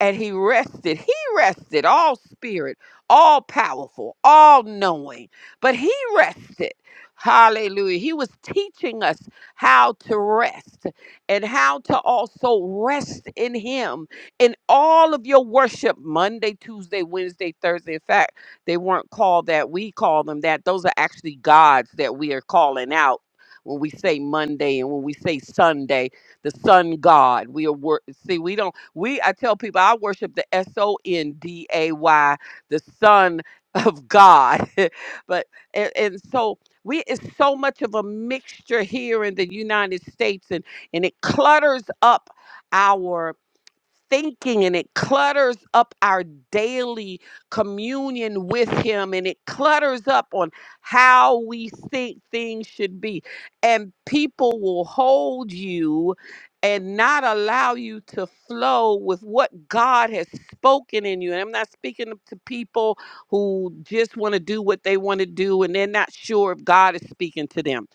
And he rested. He rested, all spirit, all powerful, all knowing. But he rested. Hallelujah. He was teaching us how to rest and how to also rest in him in all of your worship Monday, Tuesday, Wednesday, Thursday. In fact, they weren't called that. We call them that. Those are actually gods that we are calling out when we say Monday and when we say Sunday, the sun god. We are wor- see, we don't we I tell people I worship the S O N D A Y, the son of God. but and, and so we it's so much of a mixture here in the United States and and it clutters up thinking and it clutters up our daily communion with him and it clutters up on how we think things should be and people will hold you and not allow you to flow with what God has spoken in you. And I'm not speaking to people who just want to do what they want to do and they're not sure if God is speaking to them.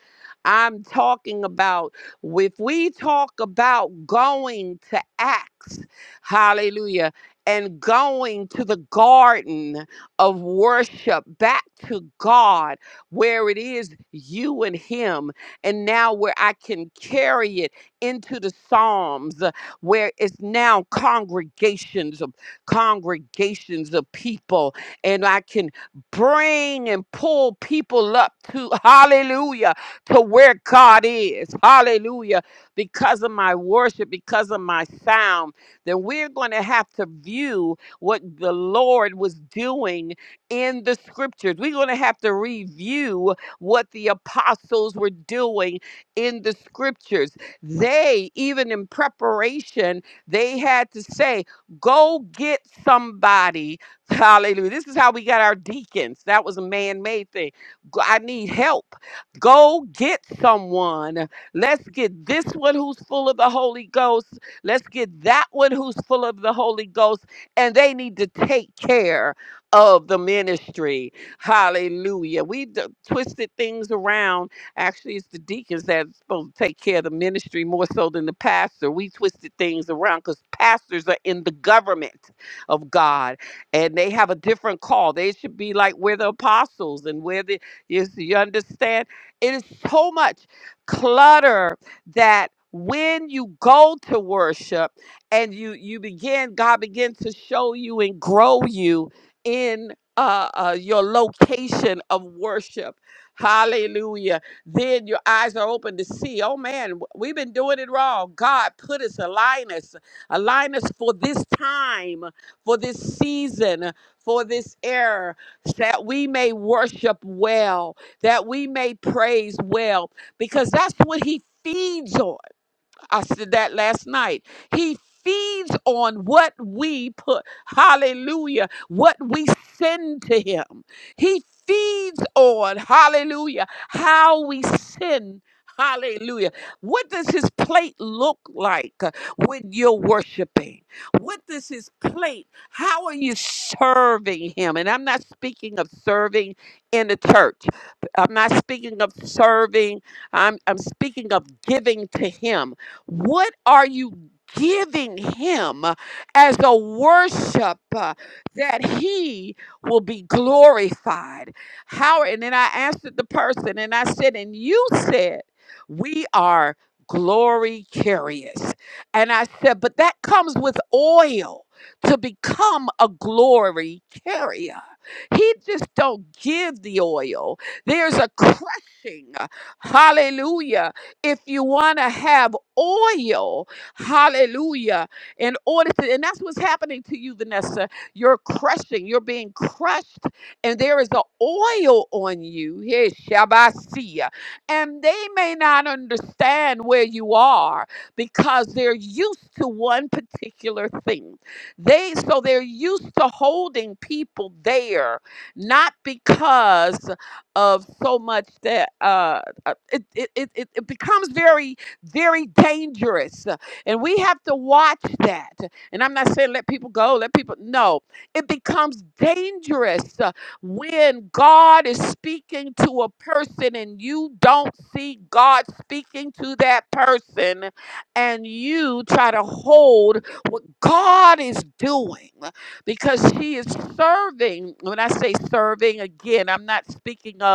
I'm talking about if we talk about going to Acts. Hallelujah. And going to the garden of worship back to God, where it is you and Him. And now, where I can carry it into the Psalms, uh, where it's now congregations of congregations of people, and I can bring and pull people up to hallelujah to where God is. Hallelujah. Because of my worship, because of my sound then we're going to have to view what the Lord was doing in the scriptures. We're going to have to review what the apostles were doing in the scriptures. They, even in preparation, they had to say, Go get somebody. Hallelujah. This is how we got our deacons. That was a man made thing. Go- I need help. Go get someone. Let's get this one who's full of the Holy Ghost Let's get that one who's full of the Holy Ghost, and they need to take care of the ministry. Hallelujah. We d- twisted things around. Actually, it's the deacons that's supposed to take care of the ministry more so than the pastor. We twisted things around because pastors are in the government of God and they have a different call. They should be like where the apostles and where the, you, you understand? It is so much clutter that when you go to worship and you you begin god begins to show you and grow you in uh, uh your location of worship hallelujah then your eyes are open to see oh man w- we've been doing it wrong god put us align us align us for this time for this season for this era that we may worship well that we may praise well because that's what he feeds on. I said that last night. He feeds on what we put, hallelujah, what we send to him. He feeds on, hallelujah, how we send. Hallelujah. What does his plate look like uh, when you're worshiping? What does his plate? How are you serving him? And I'm not speaking of serving in the church. I'm not speaking of serving. I'm, I'm speaking of giving to him what are you giving him as a worship uh, that he will be glorified? How? And then I answered the person and I said, And you said, We are glory carriers, And I said, But that comes with oil to become a glory carrier. He just don't give the oil. There's a crushing, hallelujah, if you want to have oil, hallelujah, in order to, and that's what's happening to you, Vanessa. You're crushing, you're being crushed, and there is an oil on you. Here, Shabbasia. And they may not understand where you are because they're used to one particular thing. They so they're used to holding people there, not because of so much that. uh uh, it, it, it, it it becomes very, very dangerous. uh, And we have to watch that. And I'm not saying let people go, let people, no. It becomes dangerous uh, when God is speaking to a person and you don't see God speaking to that person and you try to hold what God is doing uh, because He is serving. When I say serving, again, I'm not speaking of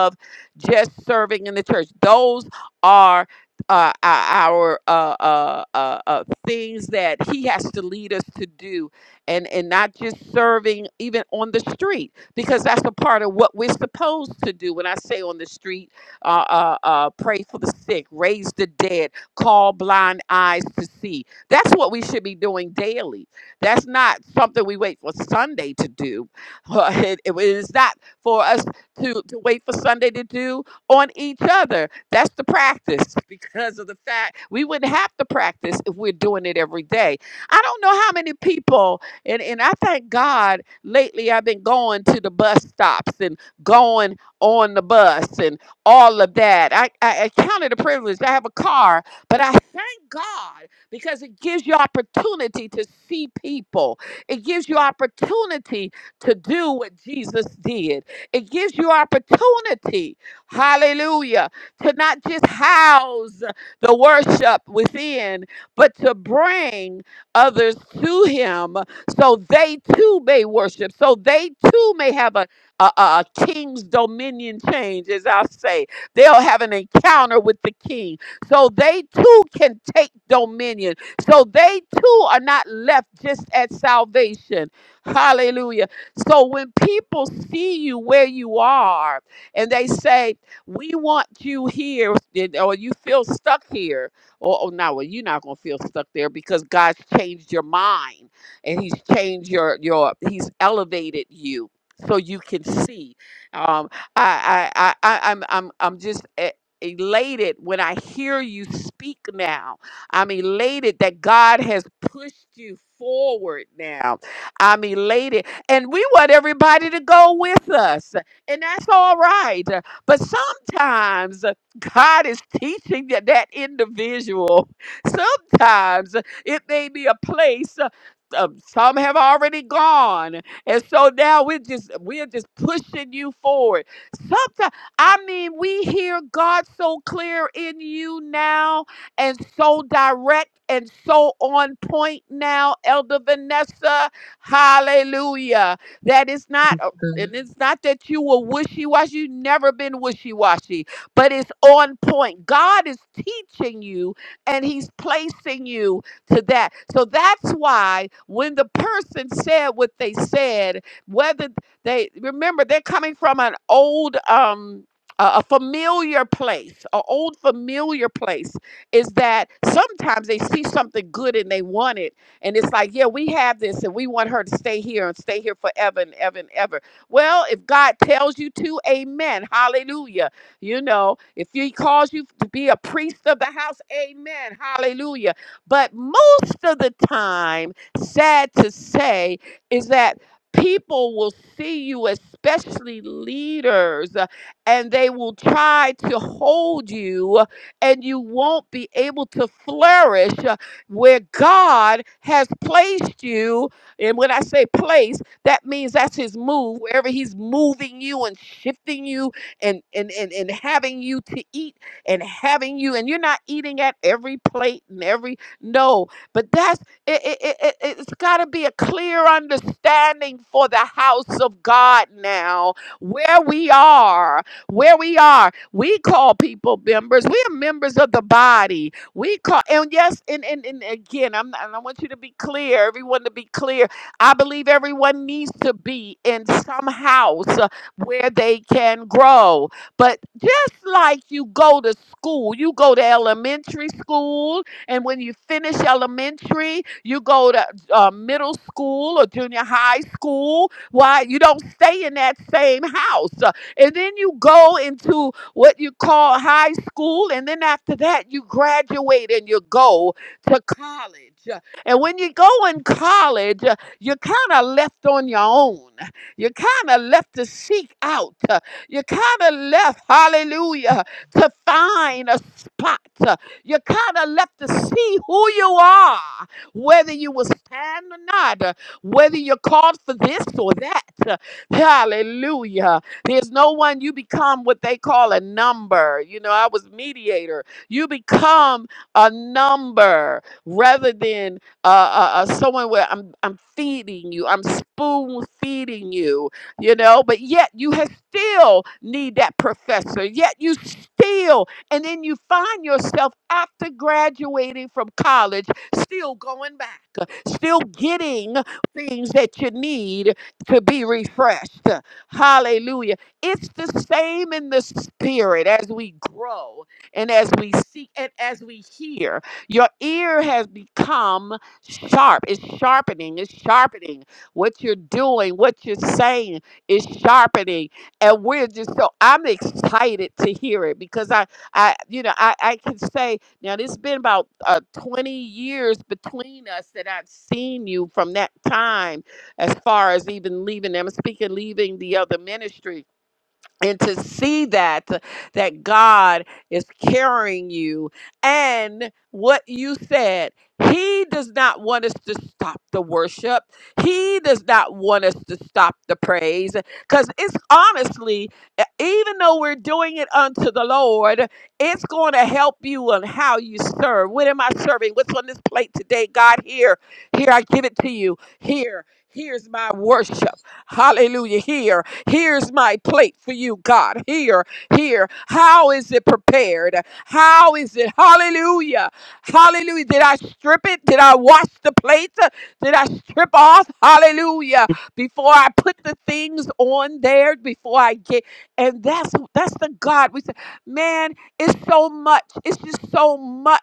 just serving in the church. Those are uh, our uh, uh, uh, uh, things that He has to lead us to do, and and not just serving even on the street because that's a part of what we're supposed to do. When I say on the street, uh, uh, uh, pray for the sick, raise the dead, call blind eyes to see. That's what we should be doing daily. That's not something we wait for Sunday to do. It, it is not for us to, to wait for Sunday to do on each other. That's the practice because of the fact we wouldn't have to practice if we're doing it every day. I don't know how many people, and, and I thank God lately I've been going to the bus stops and going on the bus and all of that. I, I, I counted a privilege. I have a car, but I thank God because it gives you opportunity to see people. It gives you opportunity to do what Jesus did. It gives you opportunity, hallelujah, to not just house the worship within, but to bring others to Him so they too may worship, so they too may have a, a, a a king's dominion change, as I say. They'll have an encounter with the king so they too can take dominion, so they too are not left just at salvation. Hallelujah so when people see you where you are and they say, We want you here, and- or you feel stuck here, or oh no, well, you're not gonna feel stuck there because God's changed your mind and He's changed your your He's elevated you so you can see. Um I I I, I I'm I'm I'm just e- elated when I hear you speak now. I'm elated that God has pushed you forward now. I'm elated and we want everybody to go with us, and that's all right. But sometimes God is teaching that, that individual. Sometimes it may be a place. uh, um, some have already gone, and so now we're just we're just pushing you forward. Sometimes I mean we hear God so clear in you now, and so direct and so on point now, Elder Vanessa. Hallelujah. That is not, uh, and it's not that you were wishy washy. You've never been wishy washy, but it's on point. God is teaching you and He's placing you to that. So that's why when the person said what they said, whether they remember they're coming from an old, um, a a familiar place, an old familiar place is that sometimes they see something good and they want it and it's like, yeah, we have this and we want her to stay here and stay here forever and ever and ever. Well, if God tells you to, amen. Hallelujah. You know, if he calls you to be a priest of the house, amen. Hallelujah. But most of the time, sad to say, is that people will see you, especially leaders, uh, and they will try to hold you, and you won't be able to flourish where God has placed you. And when I say place, that means that's his move, wherever he's moving you and shifting you and and and, and having you to eat and having you, and you're not eating at every plate and every no, but that's it, it, it, it- it's got to be a clear understanding for the house of God now, where we are, where we are. We call people members. We are members of the body. We call and yes, and and, and again, I'm not- and I want you to be clear, everyone to be clear. I believe everyone needs to be in some house uh, where they can grow. But just like you go to school, you go to elementary school, and when you finish elementary, you go to uh, middle school or junior high school. Why you don't stay in that same house? Uh, and then you go into what you call high school, and then after that, you graduate and you go to college. Uh, And when you go in college, uh, you're kind of left on your own. You're kind of left to seek out. Uh, You're kind of left, hallelujah, to find a spot. Uh, You're kind of left to see who you are, whether you will stand or not, uh, whether you're called for this or that. Uh, Hallelujah. There's no one you become what they call a number. You know, I was mediator. You become a number rather than uh, uh, uh, someone where I'm I'm feeding you, I'm spoon feeding you. You know, but yet you have still need that professor. Yet you still, and then you find yourself after graduating from college, still going back, still getting things that you need to be refreshed. Hallelujah. It's the same in the spirit as we grow and as we seek and as we hear. Your ear has become sharp. It's sharpening. It's sharpening. What you're doing, what you're saying is sharpening. And we're just so I'm excited to hear it because I I you know I, I can say now this has been about uh, 20 years between us that I've seen you from that time as far as even leaving I'm speaking leaving the other ministry and to see that that God is carrying you and what you said he does not want us to stop the worship he does not want us to stop the praise cuz it's honestly e- even though we're doing it unto the Lord it's going to help you on how you serve what am i serving what's on this plate today God here here i give it to you here here's my worship hallelujah here Here's my plate for you, God. Here, here. How is it prepared? How is it? Hallelujah. Hallelujah. Did I strip it? Did I wash the plate? Did I strip off? Hallelujah. Before I put the things on there, before I get and that's that's the God we say, man, it's so much. It's just so much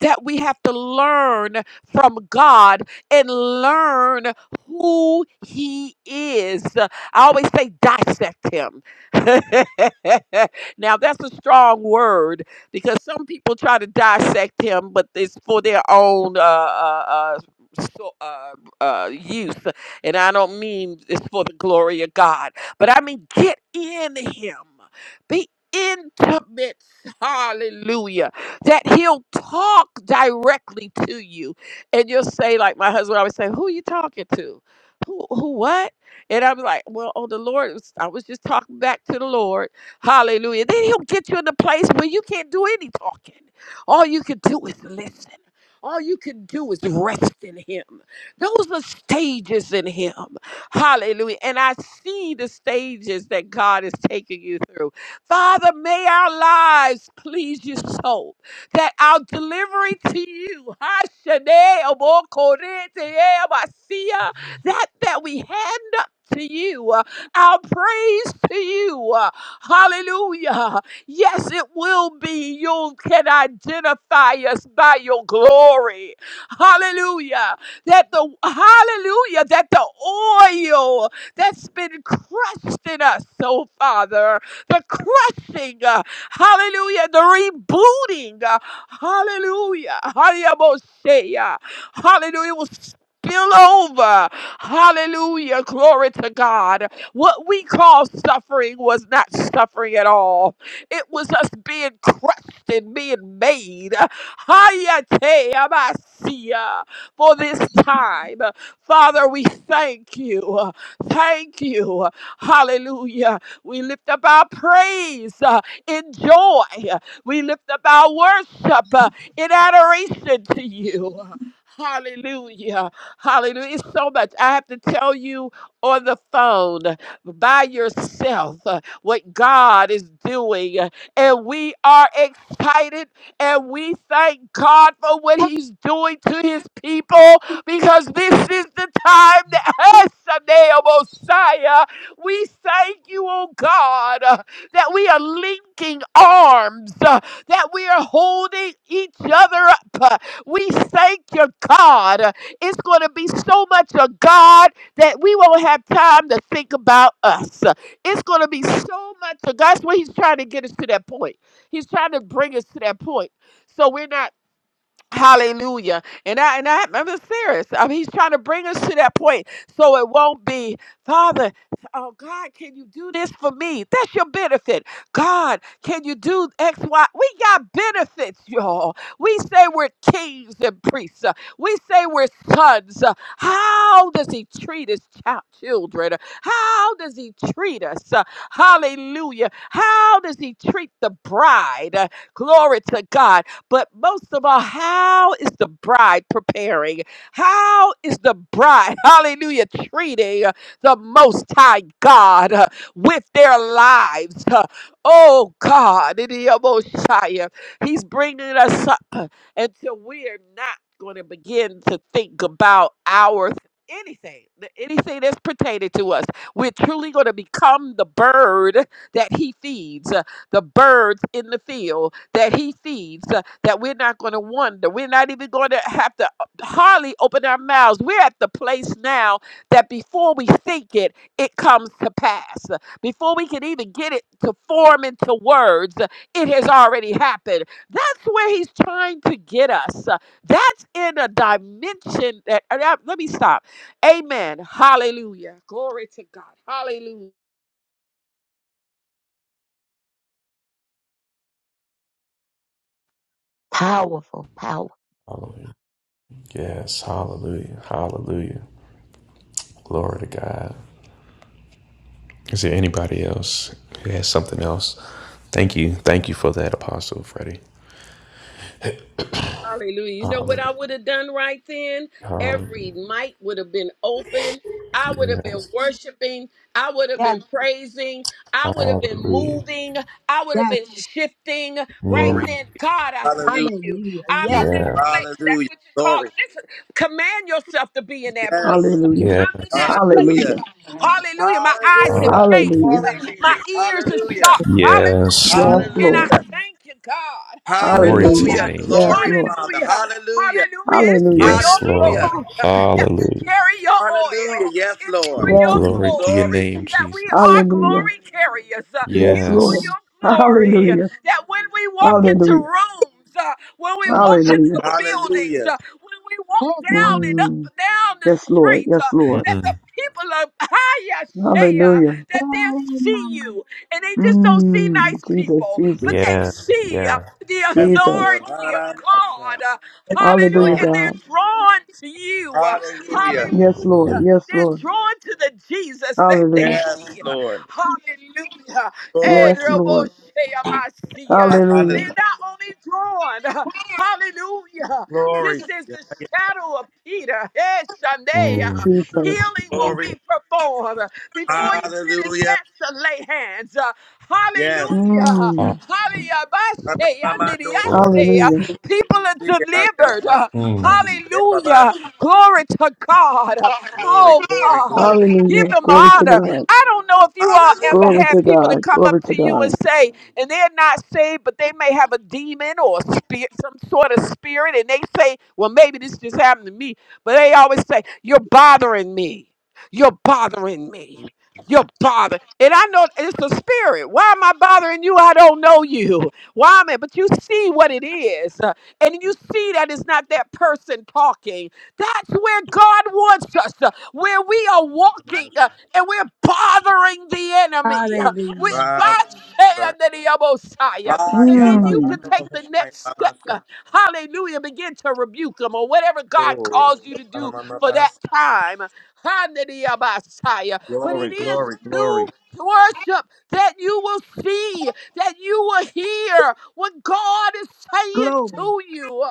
that we have to learn from God and learn who He is. I always say dissect him. now that's a strong word because some people try to dissect him, but it's for their own uh, uh, uh, so, uh, uh, use. And I don't mean it's for the glory of God, but I mean get in him. Be intimate. Hallelujah. That he'll talk directly to you. And you'll say, like my husband always say, who are you talking to? Who, who what? And I'm like, well, oh, the Lord, was- I was just talking back to the Lord. Hallelujah. Then he'll get you in the place where you can't do any talking. All you can do is listen. All you can do is rest in him. Those are stages in him. Hallelujah. And I see the stages that God is taking you through. Father, may our lives please you so that our delivery to you, Hashane, Omokorete, Ebasia, that that we handle to you, uh, our praise to you. uh, Hallelujah. Yes, it will be. You can identify us by your glory. Hallelujah. That the hallelujah, that the oil that's been crushed in us, oh Father, the crushing, uh, hallelujah, the rebooting, uh, hallelujah, hallelujah, hallelujah, will spill over. Hallelujah. Glory to God. What we call suffering was not suffering at all. It was us being crushed and being made. Hayate amasia For this time. Father, we thank you. Thank you. Hallelujah. We lift up our praise uh, in joy. We lift up our worship uh, in adoration to you. Hallelujah. Hallelujah. It's so much. I have to tell you on the phone by yourself uh, what God is doing. uh, And we are excited and we thank God for what He's doing to His people because this is the time that has Sunday, oh, Messiah. We thank you, oh God, uh, that we are linking arms, uh, that we are holding each other up. Uh, We thank you, God. It's going to be so much of God that we won't have time to think about us. It's going to be so much of God. That's what He's trying to get us to that point. He's trying to bring us to that point. So we're not Hallelujah. And I and I I'm serious. I mean, he's trying to bring us to that point so it won't be, Father, oh God, can you do this for me? That's your benefit. God, can you do X, Y? We got benefits, y'all. We say we're kings and priests. Uh, We say we're sons. Uh, How does he treat his child children? How does he treat us? Uh, Hallelujah. How does he treat the bride? Uh, Glory to God. But most of all, how is the bride preparing? How is the bride, hallelujah, treating uh, the Most High God uh, with their lives? Uh, Oh God, in the Messiah, He's bringing us until we are not going to begin to think about our anything, the- anything that's pertaining to us. We're truly going to become the bird that he feeds, uh, the birds in the field that he feeds, uh, that we're not going to wonder. We're not even going to have to uh, hardly open our mouths. We're at the place now that before we think it, it comes to pass. Before we can even get it to form into words, uh, it has already happened that's where he's trying to get us. Uh, That's in a dimension that, uh, that- let me stop. Amen. Hallelujah. Glory to God. Hallelujah.
Hallelujah. Yes. Hallelujah. Hallelujah. Glory to God. Is there anybody else who has something else? Thank you. Thank you for that, Apostle Freddie.
Hallelujah. You know what
Hallelujah.
I would have done right then?
Hallelujah.
Every mic would have been open. I would have been
Yes.
worshiping. I would have
Yes,
been praising. I would have been
Hallelujah.
moving. I would have
yes.
been shifting right
Glory.
Mm,
then. God, I
Hallelujah.
thank you.
Hallelujah.
I'm in
Yes,
yeah.
that place. That's
Hallelujah.
what you call
Glory.
it. Just command yourself to be in that place.
Yes.
Hallelujah.
I'm in that
Yes.
place.
Hallelujah.
Hallelujah.
Hallelujah. My eyes have
Hallelujah.
Hallelujah.
changed.
Hallelujah.
Glory,
My
Jesus.
ears are
Hallelujah.
sharp.
Yes,
Hallelujah.
Yes,
yes.
Lord.
And I
Lord.
Come
Hallelujah.
on.
thank you, God.
Yes,
Glory to
Hallelujah.
your
Hallelujah.
Hallelujah.
name,
Yes,
Jesus.
Glory,
Lord.
Father.
Hallelujah.
Hallelujah.
Hallelujah. It's for
Hallelujah.
your
Yes, Lord.
Hallelujah.
Oh,
glory
oh, my God.
that we
Hallelujah.
carry your
Hallelujah.
oil.
Yes,
It's for
Lord.
Lord,
Yes,
your
Come on.
Glory
Lord.
to your
glory
Glory,
name,
Jesus.
that we are
Jesus.
Hallelujah.
glory carriers. Uh,
Yes, yes, yes.
Yes,
It's
come
for
Lord.
Yes.
your glory
Hallelujah.
that when we walk
Mm.
into
Hallelujah.
rooms, uh, when we walk into
Hallelujah.
buildings,
Hallelujah.
uh, when we walk down
on.
and up
Mm.
and down the
Yes, Lord.
street, uh,
Yes, Lord.
that the
Mm.
people of Hayashea,
Hallelujah.
that they'll
Glory, my
see
God.
you, and they just don't see
Mm.
nice
Jesus,
people, but
Jesus,
they
Yeah.
see uh,
Yeah.
the
Yes,
Jesus.
Lord.
authority of
Hallelujah.
God. uh, Hallelujah.
Hallelujah,
Glory.
And
God.
they're drawn to you. uh,
Hallelujah.
Yes, Lord.
Hallelujah.
Hallelujah.
Yes,
They're
Lord.
drawn to the Jesus that
Hallelujah.
they
Yes,
see. uh,
Lord.
Hallelujah.
Glory.
Eh,
Yes,
robo
Lord.
shea masia.
Jesus.
Hallelujah.
They're
Hallelujah.
not only drawn, uh, hallelujah,
Glory.
just as the shadow of Peter, eh, Sunday.
Mm.
Jesus.
Healing will
Glory.
Yeah.
be performed before you get a
Hallelujah.
chance to lay hands. Uh,
Yes.
Hallelujah.
Ah,
Mm.
Hallelujah. Bashe,
Glory to
yandidiyase. Uh,
God.
Hallelujah.
People are delivered. Uh,
Mm.
Hallelujah. Glory to God. Uh,
Glory, glory, glory. Hallelujah. Glory, glory, glory. Glory. Glory,
Oh,
glory, glory,
God.
glory.
Give
Hallelujah.
them
Glory to
honor.
Thank
God.
you.
I don't know if you all ever
Hallelujah.
Glory
had
to
people
God.
that come
Glory
up
to
to you and
God.
say, and they're not saved, but they may have a demon or a spirit, some sort of spirit, and they say, well, maybe this just happened to me. But they always say, You're bothering me. You're bothering me. You're bothering. And I know it's the spirit. Why am I bothering you? I don't know you. Why am I? But you see what it is. uh, And you see that it's not that person talking. That's where God wants us, uh, where we are walking uh, and we're bothering the enemy. uh, We,
Hallelujah.
my shade under the Messiah. And then you can
Mm.
take the next step. uh, Hallelujah. Begin to rebuke them or whatever God calls you to do for that time. Hananiah-Messiah. But it is through worship that you will see, that you will hear what God is saying
Glory,
to you.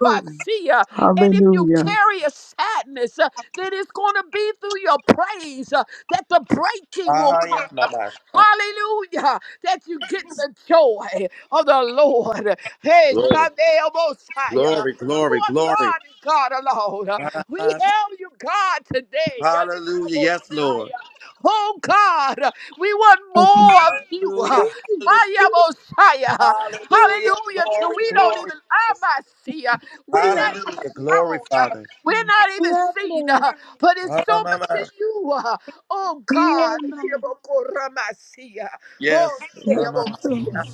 glory.
And if you
Hallelujah.
carry a sadness, uh, then it's going to be through your praise uh, that the breaking will come. Hallelujah. That you get the joy of the Lord. Hey, Sunday oh, Messiah. You are God and God alone. We hail you, God, today. Hallelujah,
Yes, Lord. Hallelujah. Hallelujah.
Messiah. Oh God, we want
Thank you.
more of you. Hiya, Messiah. Hallelujah. Till
Glory,
we don't
glory.
even I see. We're
Yes,
not even
come
Hallelujah. Glory,
shown.
Father.
We're not even seen.
on.
But it's so much
Ramama.
in you. Oh
yes,
God,
yes.
Yabokoramasia.
Yes.
Oh
Yes,
Rama.
Yes,
Sayabosia.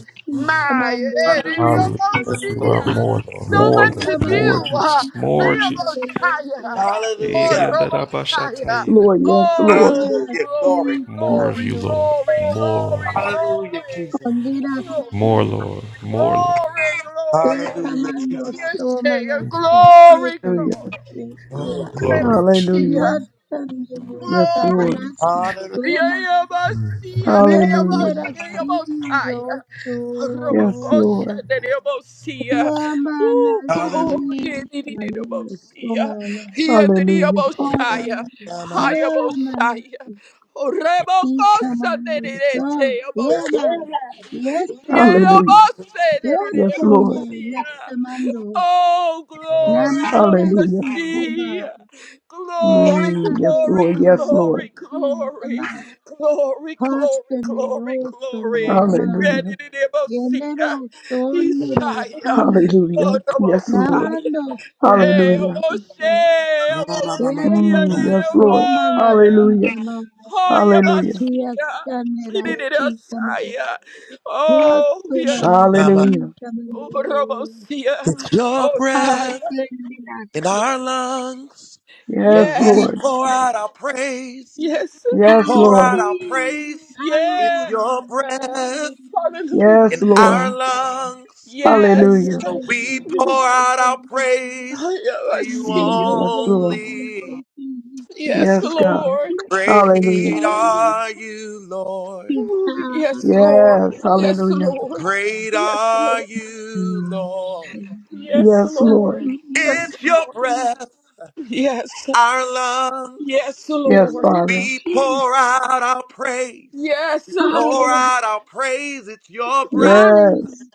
come
My
on.
Hallelujah.
Hallelujah.
Yes, come
Yes,
on.
we want
Yabosia.
more, Lord.
So
Yes,
More,
much
Come on. Yes,
of
come
Lord. More,
you.
on.
uh,
Jesus.
Yes, come
More,
on.
Jesus.
Yes, come
Yabosia. Oh
Iri
Hallelujah.
on.
Robosia.
Yes,
andarabashatayiri.
Lord.
Yes,
Yes,
come on.
Lord.
Oh
give glory.
glory,
Yes, come on.
More of
Yes,
glory,
you,
come on.
Lord.
glory,
More,
glory,
Hallelujah,
glory.
Jesus.
Honduras,
more,
Glory,
Lord. More, Lord.
glory, glory.
Malateca, Mando,
Yes, say
Tomana,
glory,
Chiqueta,
Hallelujah.
glory.
Eto,
Glory.
Glory to you.
Hallelujah.
Rebasia,
Yersanero,
Yes,
Glory,
Lord.
Tamanasi,
Hallelujah.
Toma,
Yayabasia,
Hallelujah.
Neneabashia,
Yenderasio,
Yabosaya.
Yes,
Toma,
Robocosha,
Lord.
Neneabosia. Oh,
Yamanasi,
Hallelujah.
glory,
Tamanu,
Nididabosia.
Tomana,
He Neneabosia. Here,
Hallelujah.
Hon,
God.
Neneaboshaya.
Rama.
Hayabosaya.
Amanasi,
Rebocosa,
Ikamanu, Tom,
Neneabosia.
Yema, Yesema,
Hallelujah.
Yayabase,
Yes, Lord.
Yoseme,
Neneabosia.
Yesemando,
Oh, glory of
Namanda
Hallelujah.
mercy.
Sikuma,
Glory,
Mm. Yes,
Yamano
glory,
Lord. Yes,
Soma
Lord.
glory, glory,
Sikama,
glory, glory,
Hostan de
glory,
Rostan de
glory.
Nama,
Hallelujah.
Yedididibosia.
Yenero Sondero
Isaiah.
Si,
Oh,
Hallelujah.
the
Yes, Lord.
Messiah.
Namando
Hey,
Soma
Hallelujah.
Sikama,
Moshe,
Ma, ma, ma,
Mosia,
Mm,
Yenero
yes,
Nehemiah.
Lord.
Soma
Hallelujah.
Sikama,
Oh, yeah,
Hallelujah.
Messiah.
Yastanera Sikama,
Yedididibosia. Oh, yes,
Hostoma
Rama.
Messiah.
Hallelujah.
Oh, Ramosia.
It's your
Oh,
breath
Sikama,
in our lungs. So
Yes,
Yes.
we
Lord.
pour out our praise.
Yes.
I
We
Yes,
pour
Lord.
out our
see
praise.
how
It's
Yes.
your breath
Hallelujah.
Yes,
in
Lord.
our lungs.
Yes.
Hallelujah.
So we pour out our praise to
I
you
see
Mm,
you.
Yes, Lord.
only.
Yes,
Yes, God.
Lord. Yes,
Hallelujah.
Great are you, Lord.
Ooh, yes,
Yes.
Lord. Yes,
Hallelujah.
Lord.
Great
Yes,
are
Lord.
you, Lord.
Yes,
Yes,
Lord.
Lord.
Yes,
It's your
Lord.
breath,
Yes.
our lungs.
Yes,
Yes,
Lord.
Father.
We
she
pour out our praise.
Yes,
Pour
hallelujah
Lord.
out our praise. It's your breath,
hallelujah
Yes.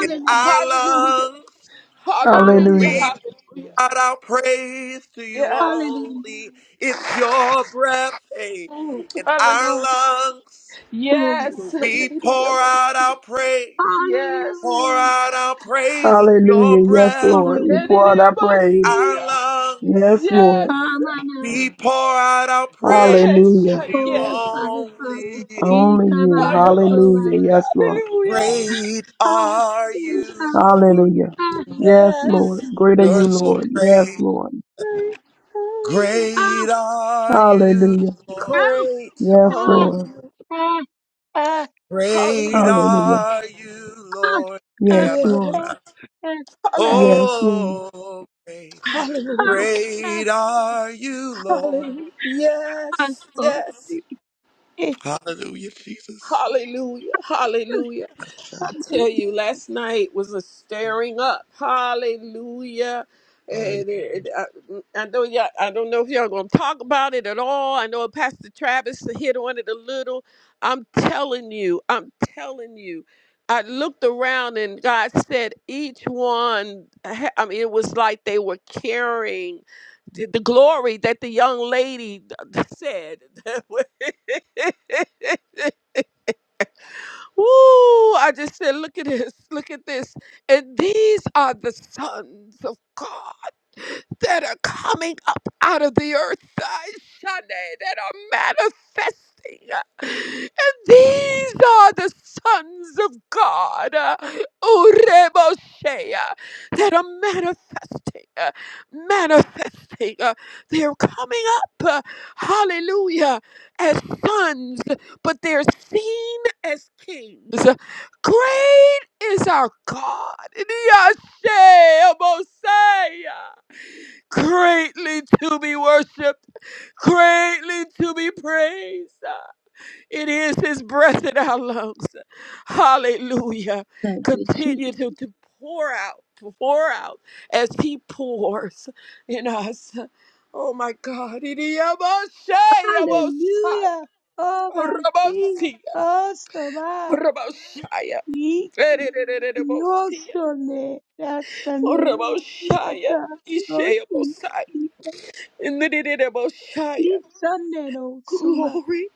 in our
Hallelujah.
lungs. So
Hallelujah.
Hallelujah.
hallelujah
we pour
Hallelujah.
out our praise to you
Yes.
hallelujah
only. It's your breath, hey,
Mm,
in our
Hallelujah.
lungs.
glory
So we pour
Yes.
out our praise.
Yes.
Pour
hallelujah
out our praise at
Hallelujah.
your
Yes,
breath,
Lord. We
And
Falling,
pour out
it
our
must
praise.
be.
our
Yes,
lungs.
Yes.
Lord.
Ramana,
We pour out our praise
Hallelujah.
to
Rehearsal.
you
oh
Yes.
Father, Father,
only.
Only you.
I
Ikabai,
am a
Soba,
Hallelujah. Yes, Lord.
Hallelujah.
Great
oh,
are
see,
you,
oh,
Lord.
see,
Hallelujah.
ah,
Yes,
ah,
Lord.
Yes.
Great are
You're
you,
so
Lord. Yes,
great.
Lord.
Great are you,
Hallelujah.
Lord.
ah,
Great
Yes,
are
ah,
Lord.
you.
ah, ah, ah, ah,
Great
Hallelujah.
Hallelujah.
are you,
ah,
Lord.
ah,
Yes,
Yeah, my
Lord.
Yes.
God.
ah,
Hallelujah.
Yes, Lord.
Oh, great.
Hallelujah.
ah,
Great are you, Lord.
Hallelujah.
ah,
Yes.
oh,
Yes.
see, eh,
Hallelujah, Jesus.
Hallelujah. Hallelujah. tell you, last night was a stirring up. Hallelujah. And it, it- I, I know y'all, I don't know if y'all gonna talk about it at all. I know Pastor Travis hit on it a little. I'm telling you, I'm telling you. I looked around and God said each one. ha- I mean, it was like they were carrying the, the glory that the young lady said. Woo! I just said, look at this, look at this. And these are the sons of God that are coming up out of the earth, thy Sunday, that are manifesting. eh. And these are the sons of God, uh, Ureboshea, that are manifesting, uh, manifesting. uh, They're coming up, uh, hallelujah, as sons, but they're seen as kings. Great is our God. Yashe, Mosiah greatly to be worshiped, greatly to be praised. It is His breath in our lungs. Hallelujah.
Thank you, Jesus.
Continue to, to pour out, pour out as He pours in us. Oh my God.
Hallelujah. Oh, my God. Oh, so much. Yosole Rasane Yaka Oti
In the
Isanero Suma
glory.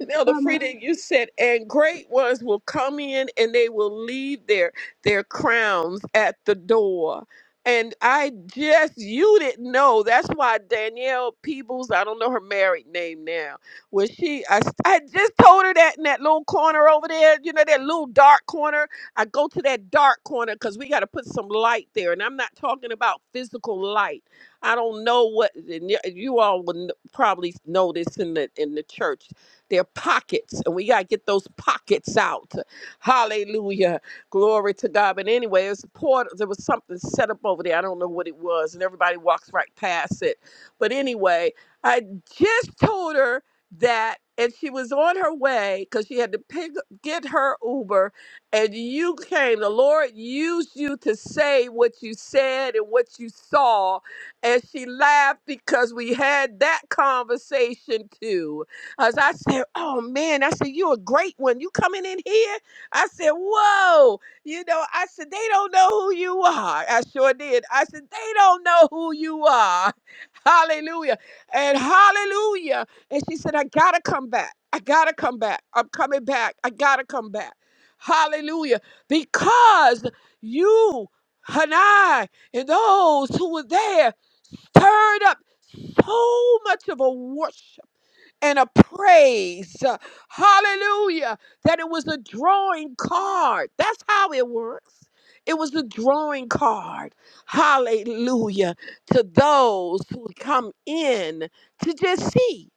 Now the
Kama
freedom you said, and great ones will come in and they will leave their their crowns at the door. And I just you didn't know. That's why Danielle Peebles, I don't know her married name now. Was she I, I just told her that in that little corner over there, you know, that little dark corner. I go to that dark corner because we gotta put some light there. And I'm not talking about physical light. I don't know what and y- you all would kn- probably know this in the in the church. Their pockets, and we gotta get those pockets out. Hallelujah, glory to God. But anyway, it's a port. There was something set up over there. I don't know what it was, and everybody walks right past it. But anyway, I just told her that, and she was on her way because she had to pick get her Uber, and you came. The Lord used you to say what you said and what you saw and she laughed because we had that conversation too. As I said, Oh man, I said, You're a great one. You coming in here? I said, Whoa. You know, I said, They don't know who you are. I sure did. I said, They don't know who you are. Hallelujah. And hallelujah. And she said, I gotta come back. I gotta come back. I'm coming back. I gotta come back. Hallelujah. Because you and I and those who were there stirred up so much of a worship and a praise. Uh, Hallelujah. That it was a drawing card. That's how it works. It was a drawing card. Hallelujah. To those who come in to just see.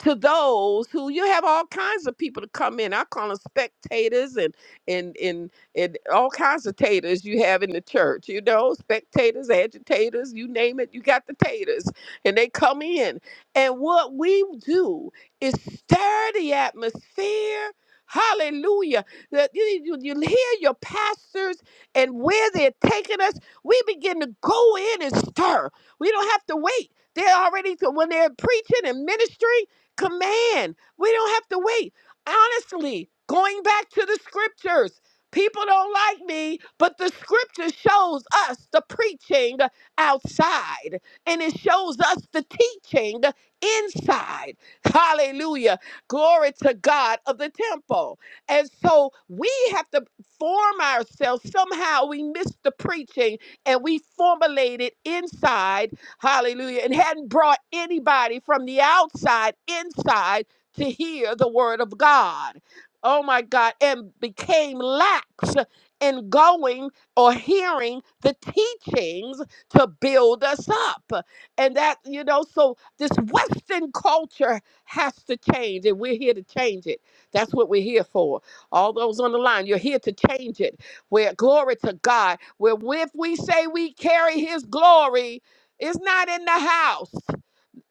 To those who you have all kinds of people to come in. I call them spectators and and and and all kinds of taters you have in the church, you know, spectators, agitators, you name it, you got the taters. And they come in and what we do is stir the atmosphere. Hallelujah. That You, you, you hear your pastors and where they're taking us. We begin to go in and stir. We don't have to wait. They're already, to, when they're preaching and ministry, command. We don't have to wait. Honestly, going back to the scriptures, people don't like me, but the scripture shows us the preaching outside and it shows us the teaching inside, hallelujah, glory to God of the temple. And so we have to form ourselves. Somehow we missed the preaching and we formulated inside, hallelujah, and hadn't brought anybody from the outside inside to hear the word of God. Oh my God, and became lax in going or hearing the teachings to build us up. And that, you know, so this Western culture has to change, and we're here to change it. That's what we're here for. All those on the line, you're here to change it. Where glory to God, where if we say we carry His glory, it's not in the house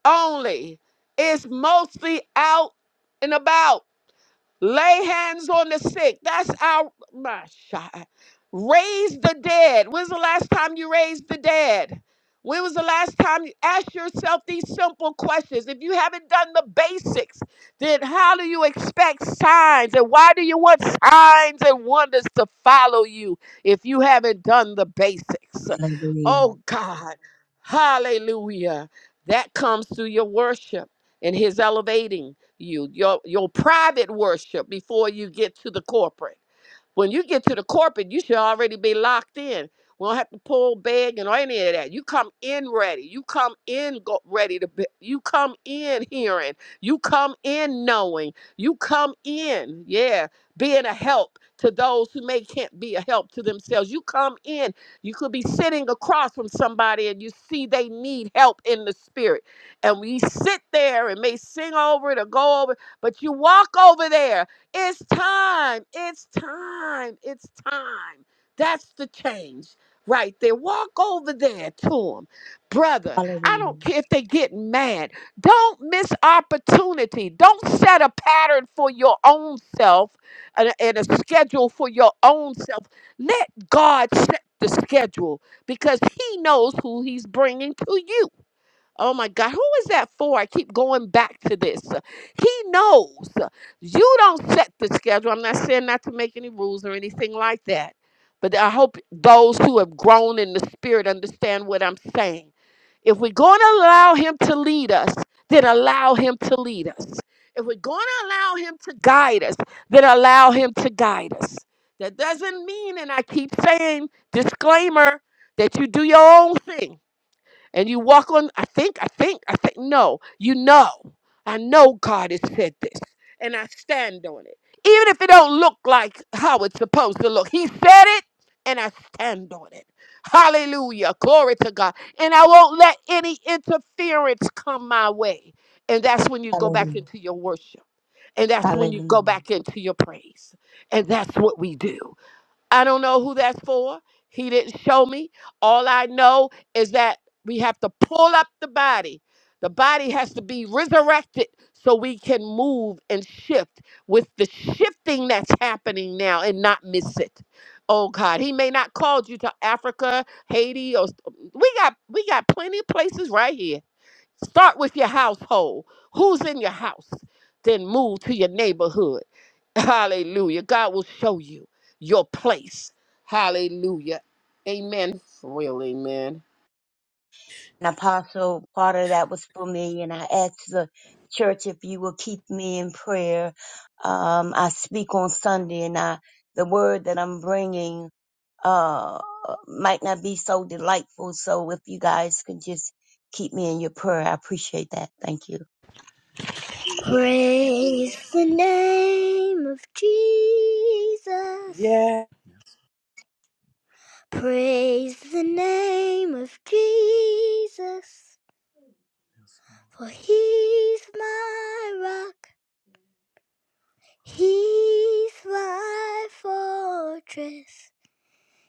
only, it's mostly out and about. Lay hands on the sick. That's our my shot. Raise the dead. When's the last time you raised the dead? When was the last time you ask yourself these simple questions? If you haven't done the basics, then how do you expect signs? And why do you want signs and wonders to follow you if you haven't done the basics?
Hallelujah.
Oh God. Hallelujah. That comes through your worship and his elevating you, your your private worship before you get to the corporate. When you get to the corporate, you should already be locked in. We don't have to pull bag and any of that. You come in ready. You come in go- ready to be. You come in hearing. You come in knowing. You come in, yeah, being a help to those who may can't be a help to themselves. You come in. You could be sitting across from somebody and you see they need help in the spirit. And we sit there and may sing over it or go over, but you walk over there it's time. It's time. It's time. That's the change right there. Walk over there to them. Brother, I
Hallelujah.
don't care if they get mad. Don't miss opportunity. Don't set a pattern for your own self and a, and a schedule for your own self. Let God set the schedule because he knows who he's bringing to you. Oh my God, who is that for? I keep going back to this. He knows you don't set the schedule. I'm not saying not to make any rules or anything like that, but I hope those who have grown in the spirit understand what I'm saying. If we're going to allow Him to lead us, then allow Him to lead us. If we're going to allow Him to guide us, then allow Him to guide us. That doesn't mean, and I keep saying, disclaimer, that you do your own thing and you walk on i think i think i think no you know i know god has said this and i stand on it even if it don't look like how it's supposed to look he said it and i stand on it hallelujah glory to god and i won't let any interference come my way and that's when you go back
Hallelujah.
into your worship and that's when you go
Hallelujah.
back into your praise and that's what we do I don't know who that's for. He didn't show me. All I know is that we have to pull up the body. The body has to be resurrected so we can move and shift with the shifting that's happening now and not miss it. Oh God, he may not called you to Africa, Haiti, or we got we got plenty of places right here Start with your household. Who's in your house? Then move to your neighborhood. Hallelujah. God will show you your place. Hallelujah. Amen. For real, amen.
And Apostle, part of that was for me, and I asked the church if you will keep me in prayer. Um, I speak on Sunday, and I the word that I'm bringing. uh might not be so delightful. So if you guys can just keep me in your prayer, I appreciate that. Thank you.
Praise the name of Jesus.
Yes.
Praise the name of Jesus. For he's my rock. He's my fortress.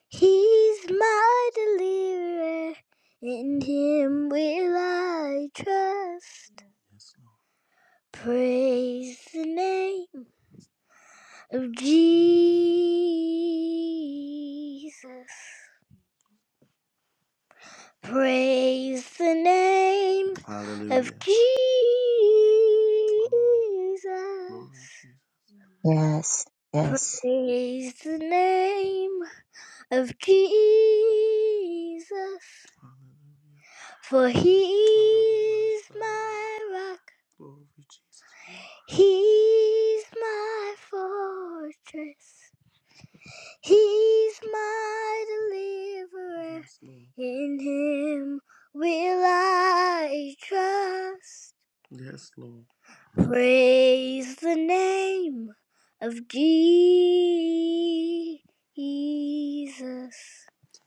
He's my deliverer. In him will I trust. Praise the name Jesus. Praise the name of Hallelujah. Glory Jesus.
Yes, yes.
Praise the name of Jesus. For Hallelujah. he's my rock, Glory, Jesus. he's my fortress. He's my deliverer. Yes, In him will I trust. Yes, Lord. Praise the name of Jesus.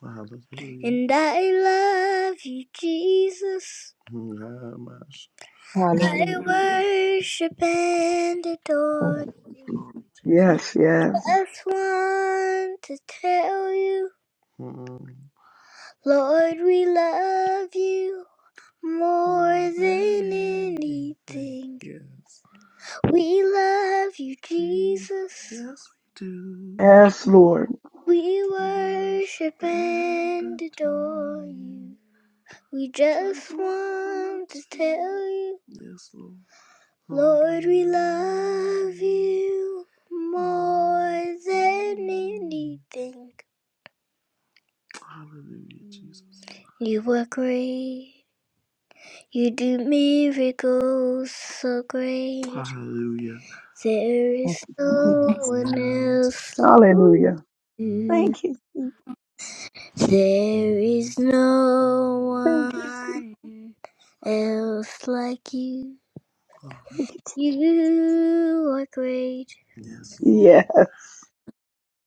Hallelujah. And I love you, Jesus. Ah, I
Hallelujah.
worship and
Thank
adore you.
you.
Lord Jesus.
Yes, yes.
Just want to tell you, Mm-mm. Lord, we love you more than anything. Yes. We love you, Jesus. Yes, we do.
Yes, Lord.
We worship and adore you. We Just want to tell you, Yes, Lord. Lord, we love you more more than than anything. Hallelujah, Jesus. You are great. You do miracles so great. Hallelujah. There
Thank
is
you. Jesus.
no one else.
Ooh,
Hallelujah.
There
Thank you. Jesus.
is no
Thank you.
one else like you.
Thank you.
You are great. Yes, Lord.
Yes,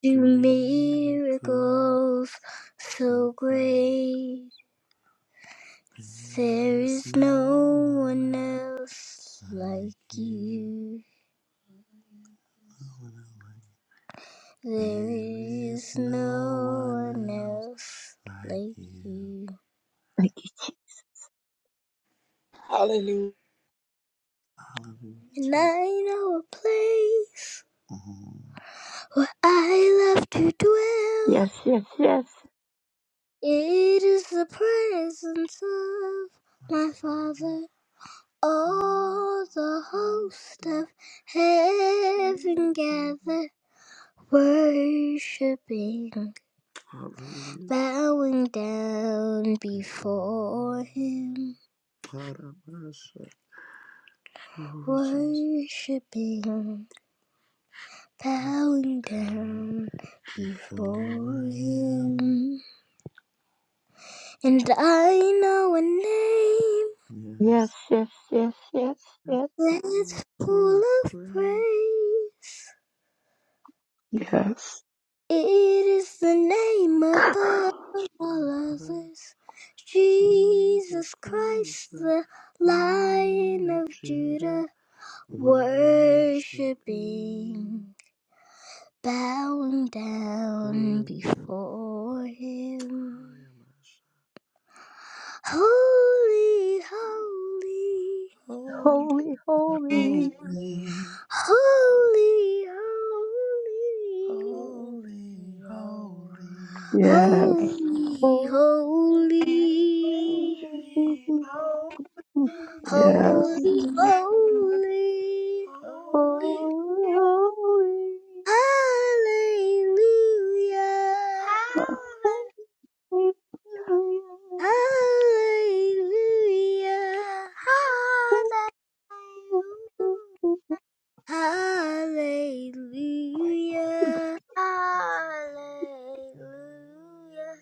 Do miracles so great. There is no one else like you. There is no one else like you.
Thank you. Jesus.
Hallelujah.
And I know a place where I love to dwell.
Yes, yes, yes.
It is the presence of my Father. All the host of heaven gather, worshiping, bowing down before Him worshiping, bowing down before him. And I know a name
Yes,
Yes.
yes, yes, yes, yes.
that's full of praise.
yes,
It is the name above all others. Jesus Christ, the Lion of Judah, worshiping, bowing down before him. Holy, holy, Holy,
Holy,
holy, holy,
holy.
holy, holy,
yes,
holy, holy,
Holy.
yes.
holy, holy,
Holy. Holy.
Hallelujah.
Holy, holy, holy,
Hallelujah.
holy, holy,
Hallelujah. Hallelujah. Hallelujah.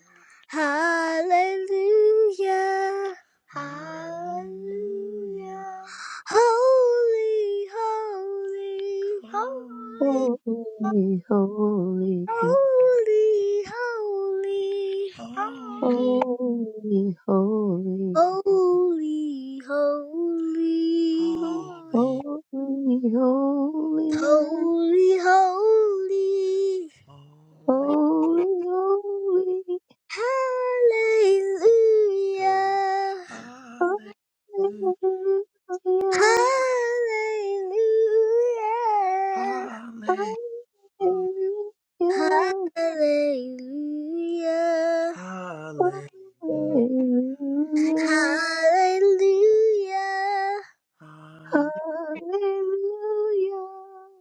Hallelujah. Hallelujah. Holy, holy, holy,
holy, holy,
holy, holy, holy,
holy,
holy, holy, holy, holy. Hallelujah. Hallelujah. Hallelujah. Hallelujah. Hallelujah. Hallelujah.
hallelujah, hallelujah, hallelujah, hallelujah.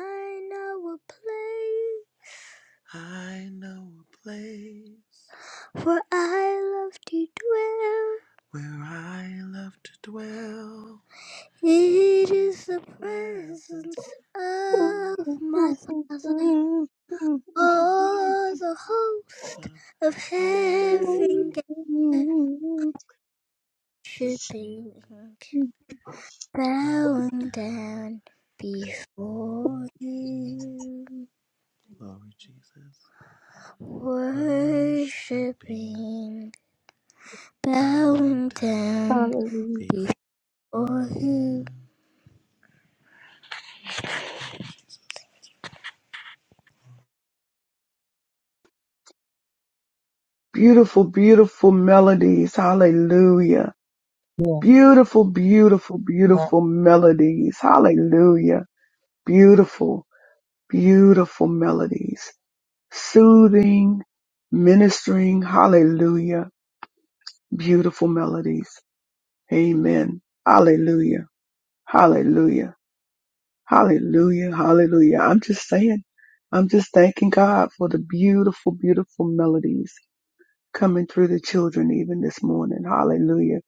I know a place I know a place where I love to dwell. where I love to dwell. It is the presence of my Father. Oh, the host of heaven worshipping, bowing down before you. Worshipping, bowing down
Hallelujah.
before you.
Beautiful, beautiful melodies. Hallelujah.
yeah,
Beautiful, beautiful,
God.
beautiful melodies. Hallelujah. Beautiful, beautiful melodies. Soothing, ministering, hallelujah, beautiful melodies. Amen. Hallelujah. Hallelujah. Hallelujah. Hallelujah. I'm just saying, I'm just thanking God for the beautiful, beautiful melodies coming through the children even this morning. Hallelujah.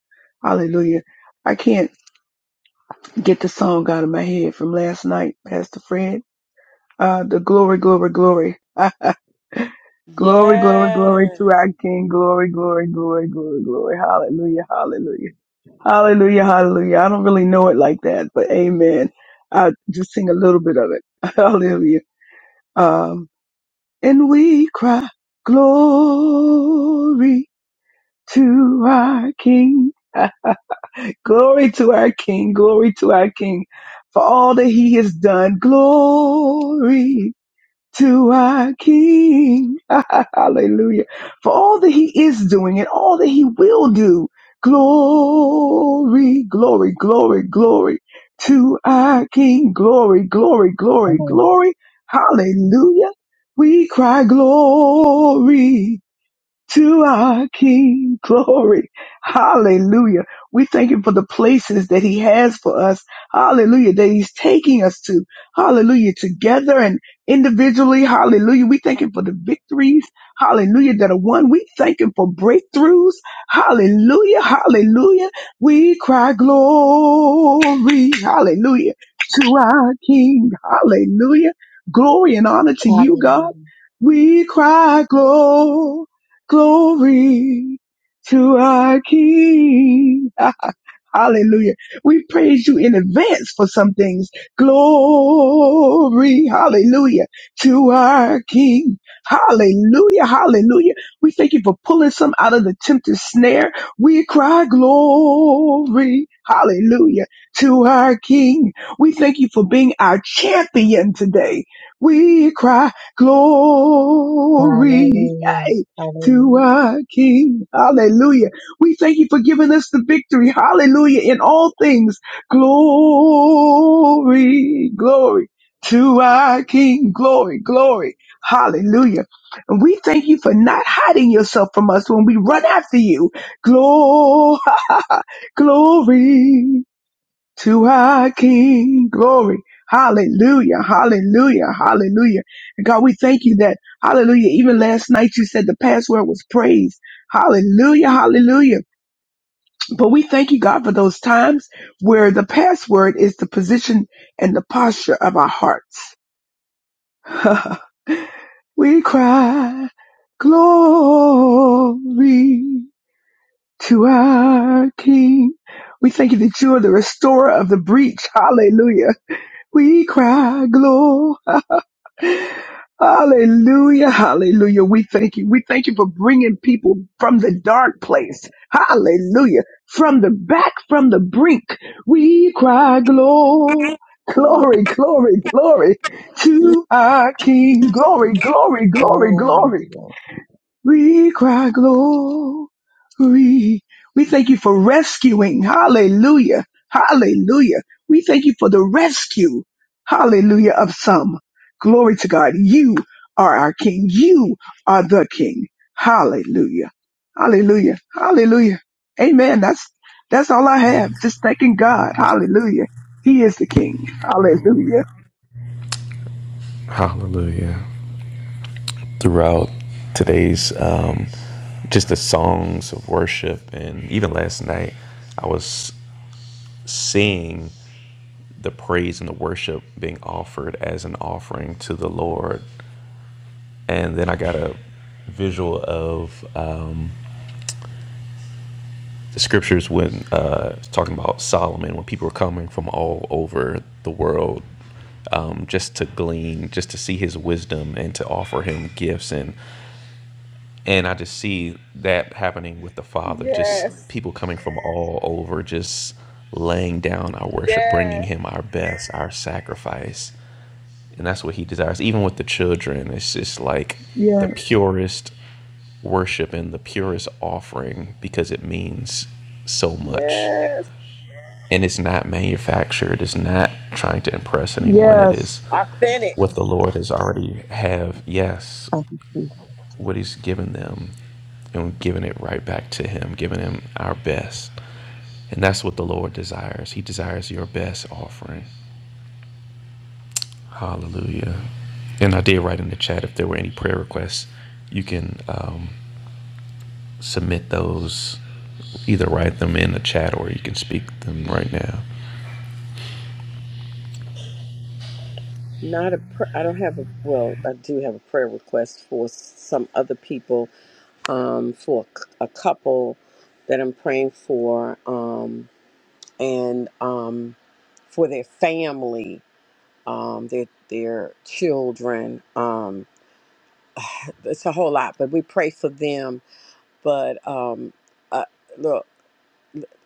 Hallelujah. I can't get the song out of my head from last night, Pastor Fred. Uh, the glory, glory, glory. Glory, glory, glory to
Yes.
our King. Glory, glory, glory, glory, glory. Hallelujah, hallelujah. Hallelujah, hallelujah. I don't really know it like that, but amen. I'll just sing a little bit of it. Hallelujah. Um, and we cry, glory to our King. Glory to our King. Glory to our King for all that he has done. Glory to our King. Hallelujah. For all that he is doing and all that he will do. Glory, glory, glory, glory to our King. Glory, glory, glory, glory. Hallelujah. We cry glory to our King. Glory. Hallelujah. We thank him for the places that he has for us. Hallelujah. That he's taking us to. Hallelujah. Together and individually. Hallelujah. We thank him for the victories. Hallelujah. That are won. We thank him for breakthroughs. Hallelujah. Hallelujah. We cry glory. Hallelujah. To our King. Hallelujah. Glory and honor to you, God.
Hallelujah.
We cry glory. Glory to our King. Hallelujah. We praise you in advance for some things. Glory. Hallelujah. To our King. Hallelujah. Hallelujah. We thank you for pulling some out of the tempter's snare. We cry glory. Hallelujah. To our King. We thank you for being our champion today. We cry glory.
Hallelujah.
Hey, to
Hallelujah.
our King. Hallelujah we thank you for giving us the victory. Hallelujah. In all things, glory, glory to our King. Glory, glory. Hallelujah. And we thank you for not hiding yourself from us when we run after you. Glory, glory to our King. Glory. Hallelujah. Hallelujah. Hallelujah. And God, we thank you that, hallelujah, even last night you said the password was praise. Hallelujah. Hallelujah. But we thank you, God, for those times where the password is the position and the posture of our hearts. we cry, glory to our King. We thank you that you are the restorer of the breach. Hallelujah. We cry, glory. Hallelujah. Hallelujah. We thank you. We thank you for bringing people from the dark place. Hallelujah. From the back, from the brink, we cry glory, glory, glory, glory to our King. Glory, glory, glory,
Glory,
glory.
glory.
We cry glory. We thank you for rescuing. Hallelujah. Hallelujah. We thank you for the rescue. Hallelujah of some. Glory to God. You are our King. You are the King. Hallelujah. Hallelujah. Hallelujah. Amen. That's that's all I have. Just thanking God. Hallelujah. He is the King. Hallelujah.
Hallelujah. Throughout today's, um, just the songs of worship, and even last night, I was seeing the praise and the worship being offered as an offering to the Lord. And then I got a visual of um, the scriptures when uh, talking about Solomon, when people were coming from all over the world um, just to glean, just to see his wisdom and to offer him gifts, and and I just see that happening with the Father. Just
Yes.
people coming from all over, just laying down our worship, bringing
Yes.
him our best, our sacrifice, and that's what he desires. Even with the children, it's just like the
Yes.
purest worship and the purest offering because it means so much
Yes.
and it's not manufactured. It's not trying to impress anyone. It is
Yes.
Authentic.
what the Lord has already have. Yes,
Thank you, Jesus.
what He's given them, and giving it right back to Him, giving Him our best, and that's what the Lord desires. He desires your best offering. Hallelujah. And I did write in the chat if there were any prayer requests, you can um, submit those. Either write them in the chat or you can speak them right now.
Not a. Pr- I don't have a. Well, I do have a prayer request for some other people. Um, for a, c- a couple that I'm praying for. Um, and um, for their family, um, their their children. Um, it's a whole lot, but we pray for them. But um, uh, look,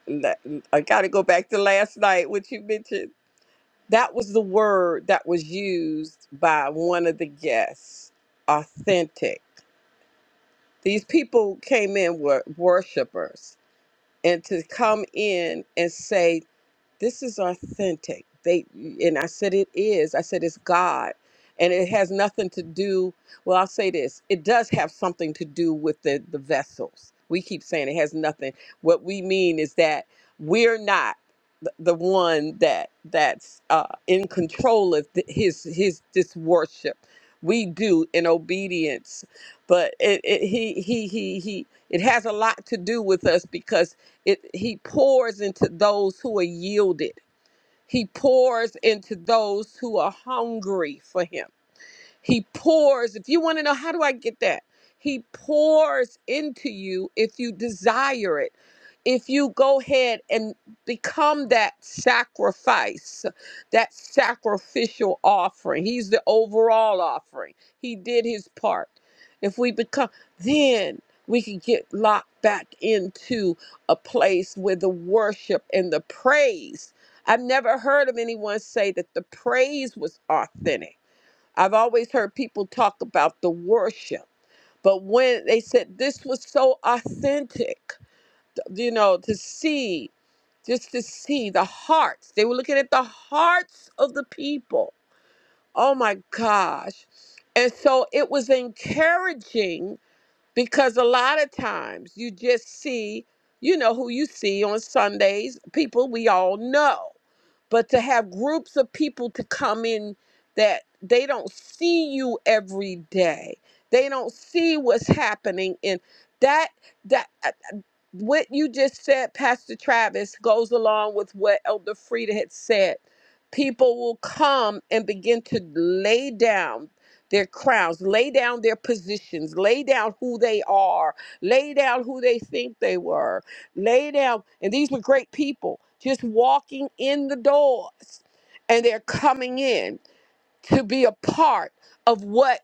la- I got to go back to last night, which you mentioned. That was the word that was used by one of the guests authentic. These people came in were worshipers, and to come in and say this is authentic they and i said it is i said it's god and it has nothing to do well i'll say this it does have something to do with the the vessels we keep saying it has nothing what we mean is that we're not th- the one that that's uh, in control of th- his his this worship we do in obedience but it, it he he he he it has a lot to do with us because it he pours into those who are yielded he pours into those who are hungry for him he pours. If you want to know, how do I get that? He pours into you if you desire it. If you go ahead and become that sacrifice, that sacrificial offering, he's the overall offering. He did his part. If we become, then we can get locked back into a place where the worship and the praise. I've never heard of anyone say that the praise was authentic I've always heard people talk about the worship, but when they said this was so authentic, you know, to see, just to see the hearts, they were looking at the hearts of the people. Oh my gosh. And so it was encouraging because a lot of times you just see, you know, who you see on Sundays, people we all know. But to have groups of people to come in that they don't see you every day, they don't see what's happening in that that. uh, what you just said, Pastor Travis, goes along with what Elder Frida had said. People will come and begin to lay down their crowns, lay down their positions, lay down who they are, lay down who they think they were, lay down. And these were great people just walking in the doors and they're coming in to be a part of what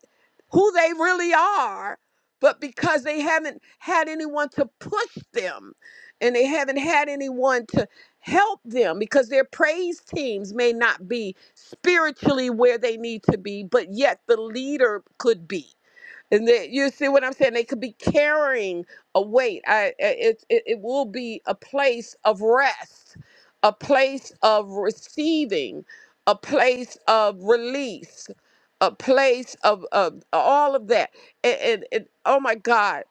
who they really are but because they haven't had anyone to push them and they haven't had anyone to help them because their praise teams may not be spiritually where they need to be but yet the leader could be and they, you see what I'm saying? They could be carrying a weight. I, I- it, it, it will be a place of rest, a place of receiving, a place of release, a place of, of all of that. And, and, and oh my God,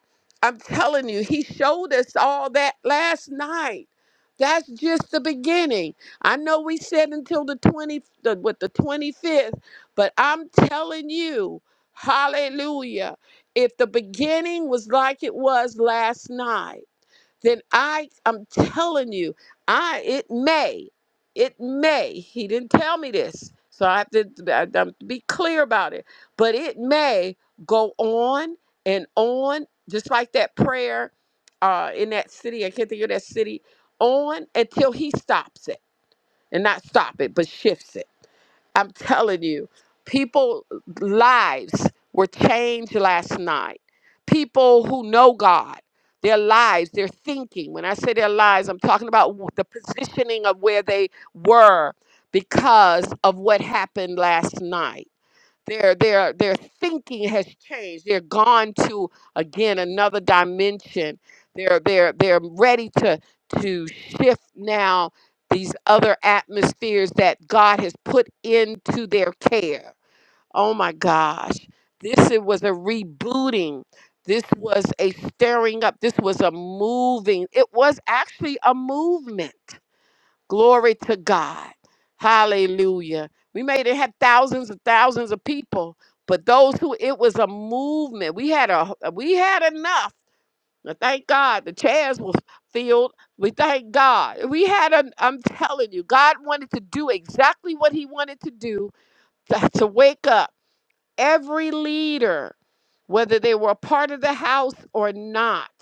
I'm telling you, he showed us all that last night. That's just the beginning. I know we said until the 20, the, what, the 25th, but I'm telling you, Hallelujah. If the beginning was like it was last night, then I I'm telling you, I it may. It may. He didn't tell me this. So I have to I have to be clear about it. But it may go on and on, just like that prayer uh in that city. I can't think of that city. On until he stops it. And not stop it, but shifts it. I'm telling you, people lives were changed last night. People who know God, their lives, their thinking. When I say their lives, I'm talking about w- the positioning of where they were because of what happened last night their their their thinking has changed they're gone to again another dimension they're they're they're ready to to shift now these other atmospheres that god has put into their care oh my gosh this it was a rebooting this was a stirring up this was a moving it was actually a movement Glory to God. Hallelujah. We may have had thousands and thousands of people, but those who it was a movement. We had a we had enough. Now, Thank God the chairs was filled. We thank God. We had an I'm telling you, God wanted to do exactly what he wanted to do to, to wake up every leader, whether they were a part of the house or not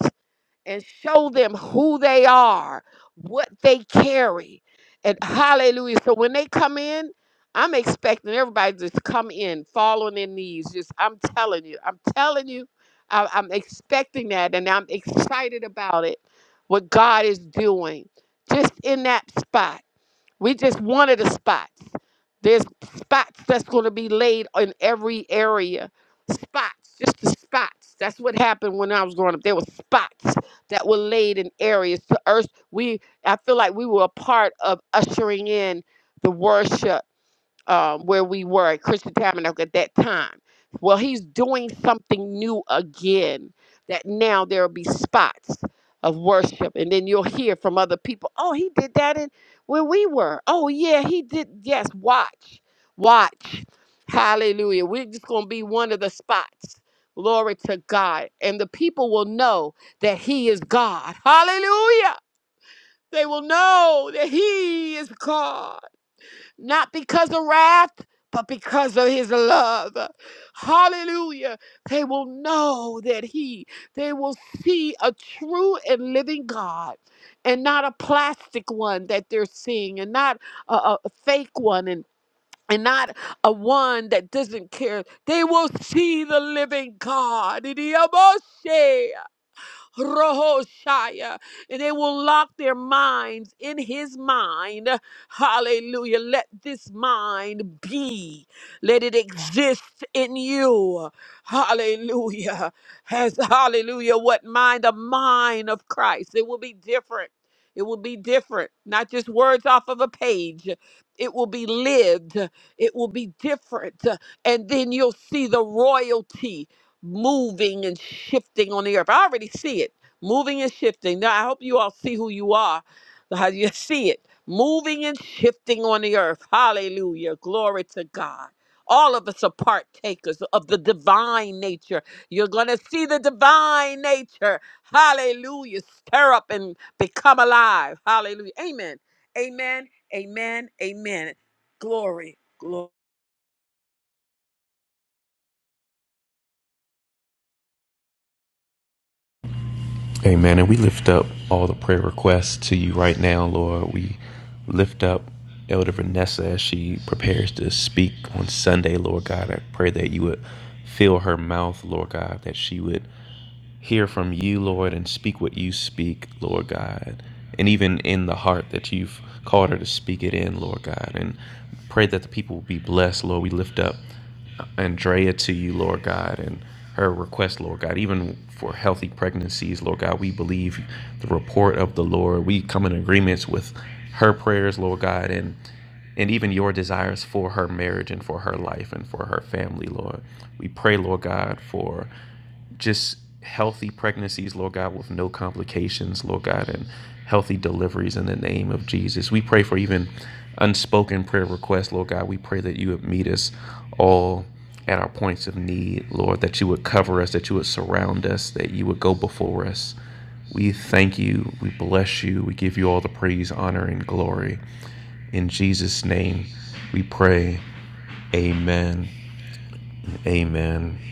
and show them who they are, what they carry. And hallelujah. So when they come in, I'm expecting everybody to just come in, fall on their knees. Just, I'm telling you, I'm telling you, I, I'm expecting that and I'm excited about it, what God is doing just in that spot. We just one of the spots. There's spots that's going to be laid in every area. Spots, just the spots. That's what happened when I was growing up. There were spots that were laid in areas. The earth, we I feel like we were a part of ushering in the worship um, where we were at Christian Tabernacle at that time. Well, he's doing something new again, that now there'll be spots of worship. And then you'll hear from other people, oh, he did that in where we were. Oh, yeah, he did. Yes, watch, watch. Hallelujah. We're just going to be one of the spots. Glory to God. And the people will know that he is God. Hallelujah. They will know that he is God not because of wrath, but because of his love. Hallelujah. They will know that he, they will see a true and living God and not a plastic one that they're seeing and not a, a a fake one and and not a one that doesn't care. They will see the living God. Rohoshaya. And they will lock their minds in his mind. Hallelujah. Let this mind be. Let it exist in you. Hallelujah. Has hallelujah. What mind? The mind of Christ. It will be different. It will be different. Not just words off of a page. It will be lived. It will be different. And then you'll see the royalty moving and shifting on the earth. I already see it moving and shifting. Now, I hope you all see who you are, how you see it moving and shifting on the earth. Hallelujah. Glory to God. All of us are partakers of the divine nature. You're going to see the divine nature. Hallelujah. Stir up and become alive. Hallelujah. Amen. Amen. Amen. Amen. Glory. Glory.
Amen. And we lift up all the prayer requests to you right now, Lord. We lift up Elder Vanessa as she prepares to speak on Sunday, Lord God. I pray that you would fill her mouth, Lord God, that she would hear from you, Lord, and speak what you speak, Lord God. And even in the heart that you've called her to speak it in, Lord God. And pray that the people will be blessed, Lord. We lift up. Andrea to you, Lord God, and her request, Lord God, even for healthy pregnancies, Lord God. We believe the report of the Lord. We come in agreements with her prayers, Lord God, and and even your desires for her marriage and for her life and for her family, Lord. We pray, Lord God, for just healthy pregnancies, Lord God, with no complications, Lord God, and healthy deliveries in the name of Jesus. We pray for even unspoken prayer requests, Lord God. We pray that you would meet us all at our points of need, Lord, that you would cover us, that you would surround us, that you would go before us. We thank you. We bless you. We give you all the praise, honor, and glory. In Jesus' name, we pray. Amen. Amen.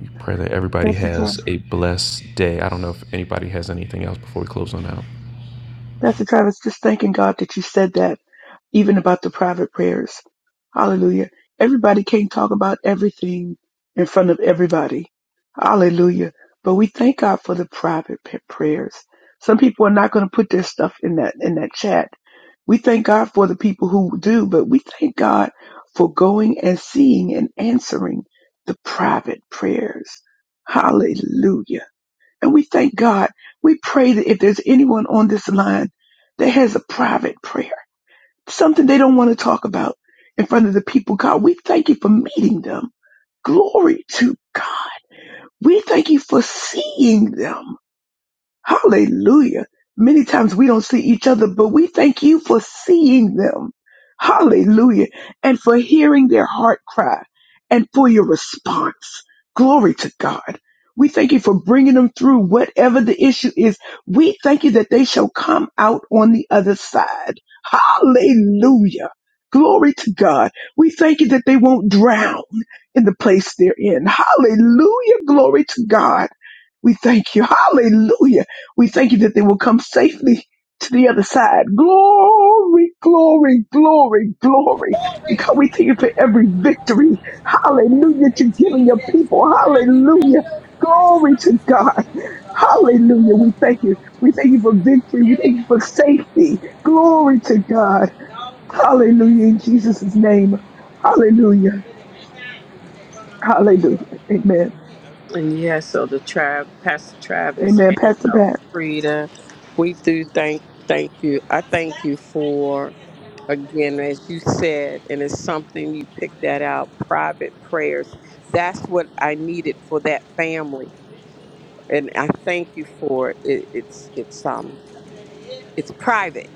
We Pray that everybody
Pastor Travis.
has a blessed day. I don't know if anybody has anything else before we close on out.
Pastor Travis, just thanking God that you said that even about the private prayers. Hallelujah. Everybody can't talk about everything in front of everybody. Hallelujah. But we thank God for the private p- prayers. Some people are not going to put their stuff in that, in that chat. We thank God for the people who do, but we thank God for going and seeing and answering the private prayers. Hallelujah. And we thank God. We pray that if there's anyone on this line that has a private prayer, something they don't want to talk about in front of the people. God, we thank you for meeting them. Glory to God. We thank you for seeing them. Hallelujah. Many times we don't see each other, but we thank you for seeing them. Hallelujah. And for hearing their heart cry and for your response. Glory to God. We thank you for bringing them through whatever the issue is. We thank you that they shall come out on the other side. Hallelujah. Glory to God. We thank you that they won't drown in the place they're in. Hallelujah. Glory to God. We thank you. Hallelujah. We thank you that they will come safely to the other side. Glory, glory, glory, glory. Because we thank you for every victory. Hallelujah. That you're giving your people. Hallelujah. Glory to God. Hallelujah. We thank you. We thank you for victory. We thank you for safety. Glory to God. Hallelujah in Jesus' name. Hallelujah. Hallelujah. Amen.
And yeah, so the tribe, Pastor Travis
Amen.
and
Pastor
Elder
Pat.
Frida, we do thank thank you. I thank you for again, as you said, and it's something you picked that out. Private prayers. That's what I needed for that family, and I thank you for it. it it's it's um it's private,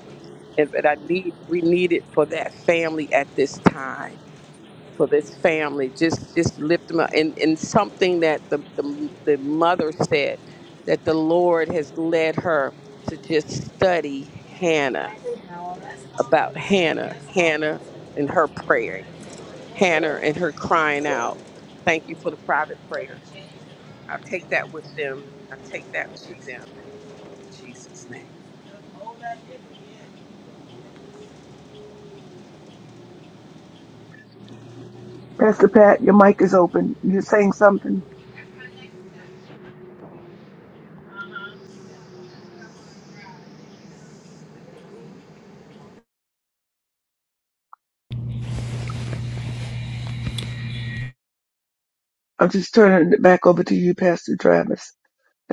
and but I need we need it for that family at this time for this family. Just just lift them up. And and something that the the, the mother said that the Lord has led her to just study Hannah
That's all.
about Hannah, Hannah and her praying, Hannah and her crying out. Thank you for the private prayer. I'll take that with them. I take that to them. In Jesus' name.
Pastor Pat, your mic is open. You're saying something. I'm just turning it back over to you, Pastor Travis.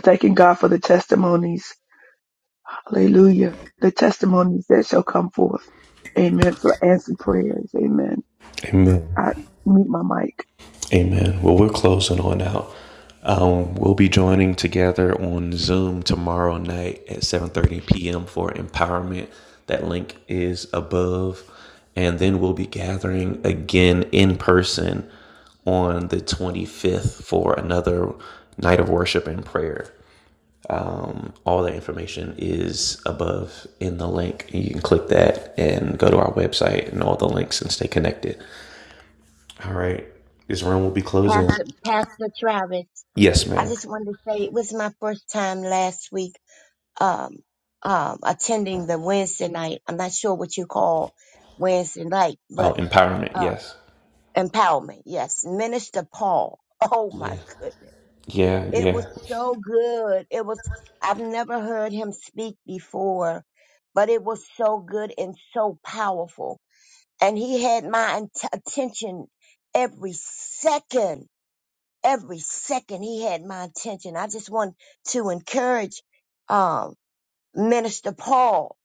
Thanking God for the testimonies. Hallelujah. The testimonies that shall come forth. Amen. For answered prayers. Amen.
Amen.
I mute my mic.
Amen. Well, we're closing on out. Um, we'll be joining together on Zoom tomorrow night at 7:30 p.m. for empowerment. That link is above, and then we'll be gathering again in person on the 25th for another night of worship and prayer. all the information is above in the link. You can click that and go to our website and all the links and stay connected. All right. This room will be closing.
Pastor, Pastor Travis,
Yes,
I
ma'am.
just wanted to say it was my first time last week um, um, attending the Wednesday night. I'm not sure what you call Wednesday night,
Oh,
but
empowerment.
uh,
Yes.
empowerment. Yes, Minister Paul. Oh my
Yeah.
goodness.
Yeah.
It
Yeah.
was so good. It was, I've never heard him speak before, but it was so good and so powerful. And he had my int- attention every second. Every second he had my attention. I just want to encourage um, Minister Paul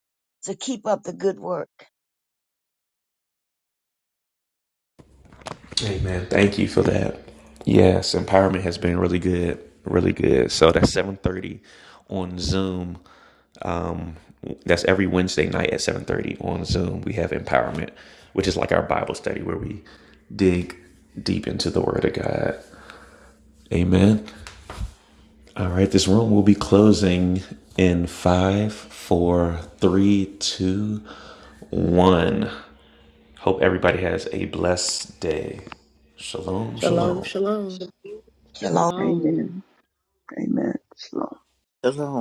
to keep up the good work.
Hey, man. Thank you for that. Yes. Empowerment has been really good. Really good. So that's 730 on Zoom. That's every Wednesday night at 730 on Zoom. We have empowerment, which is like our Bible study where we dig deep into the Word of God Amen. All right, this room will be closing in five, four, three, two, one. Hope everybody has a blessed day. Shalom,
Shalom,
shalom.
shalom.
Shalom.
Shalom.
Amen. Amen. Shalom.
Shalom.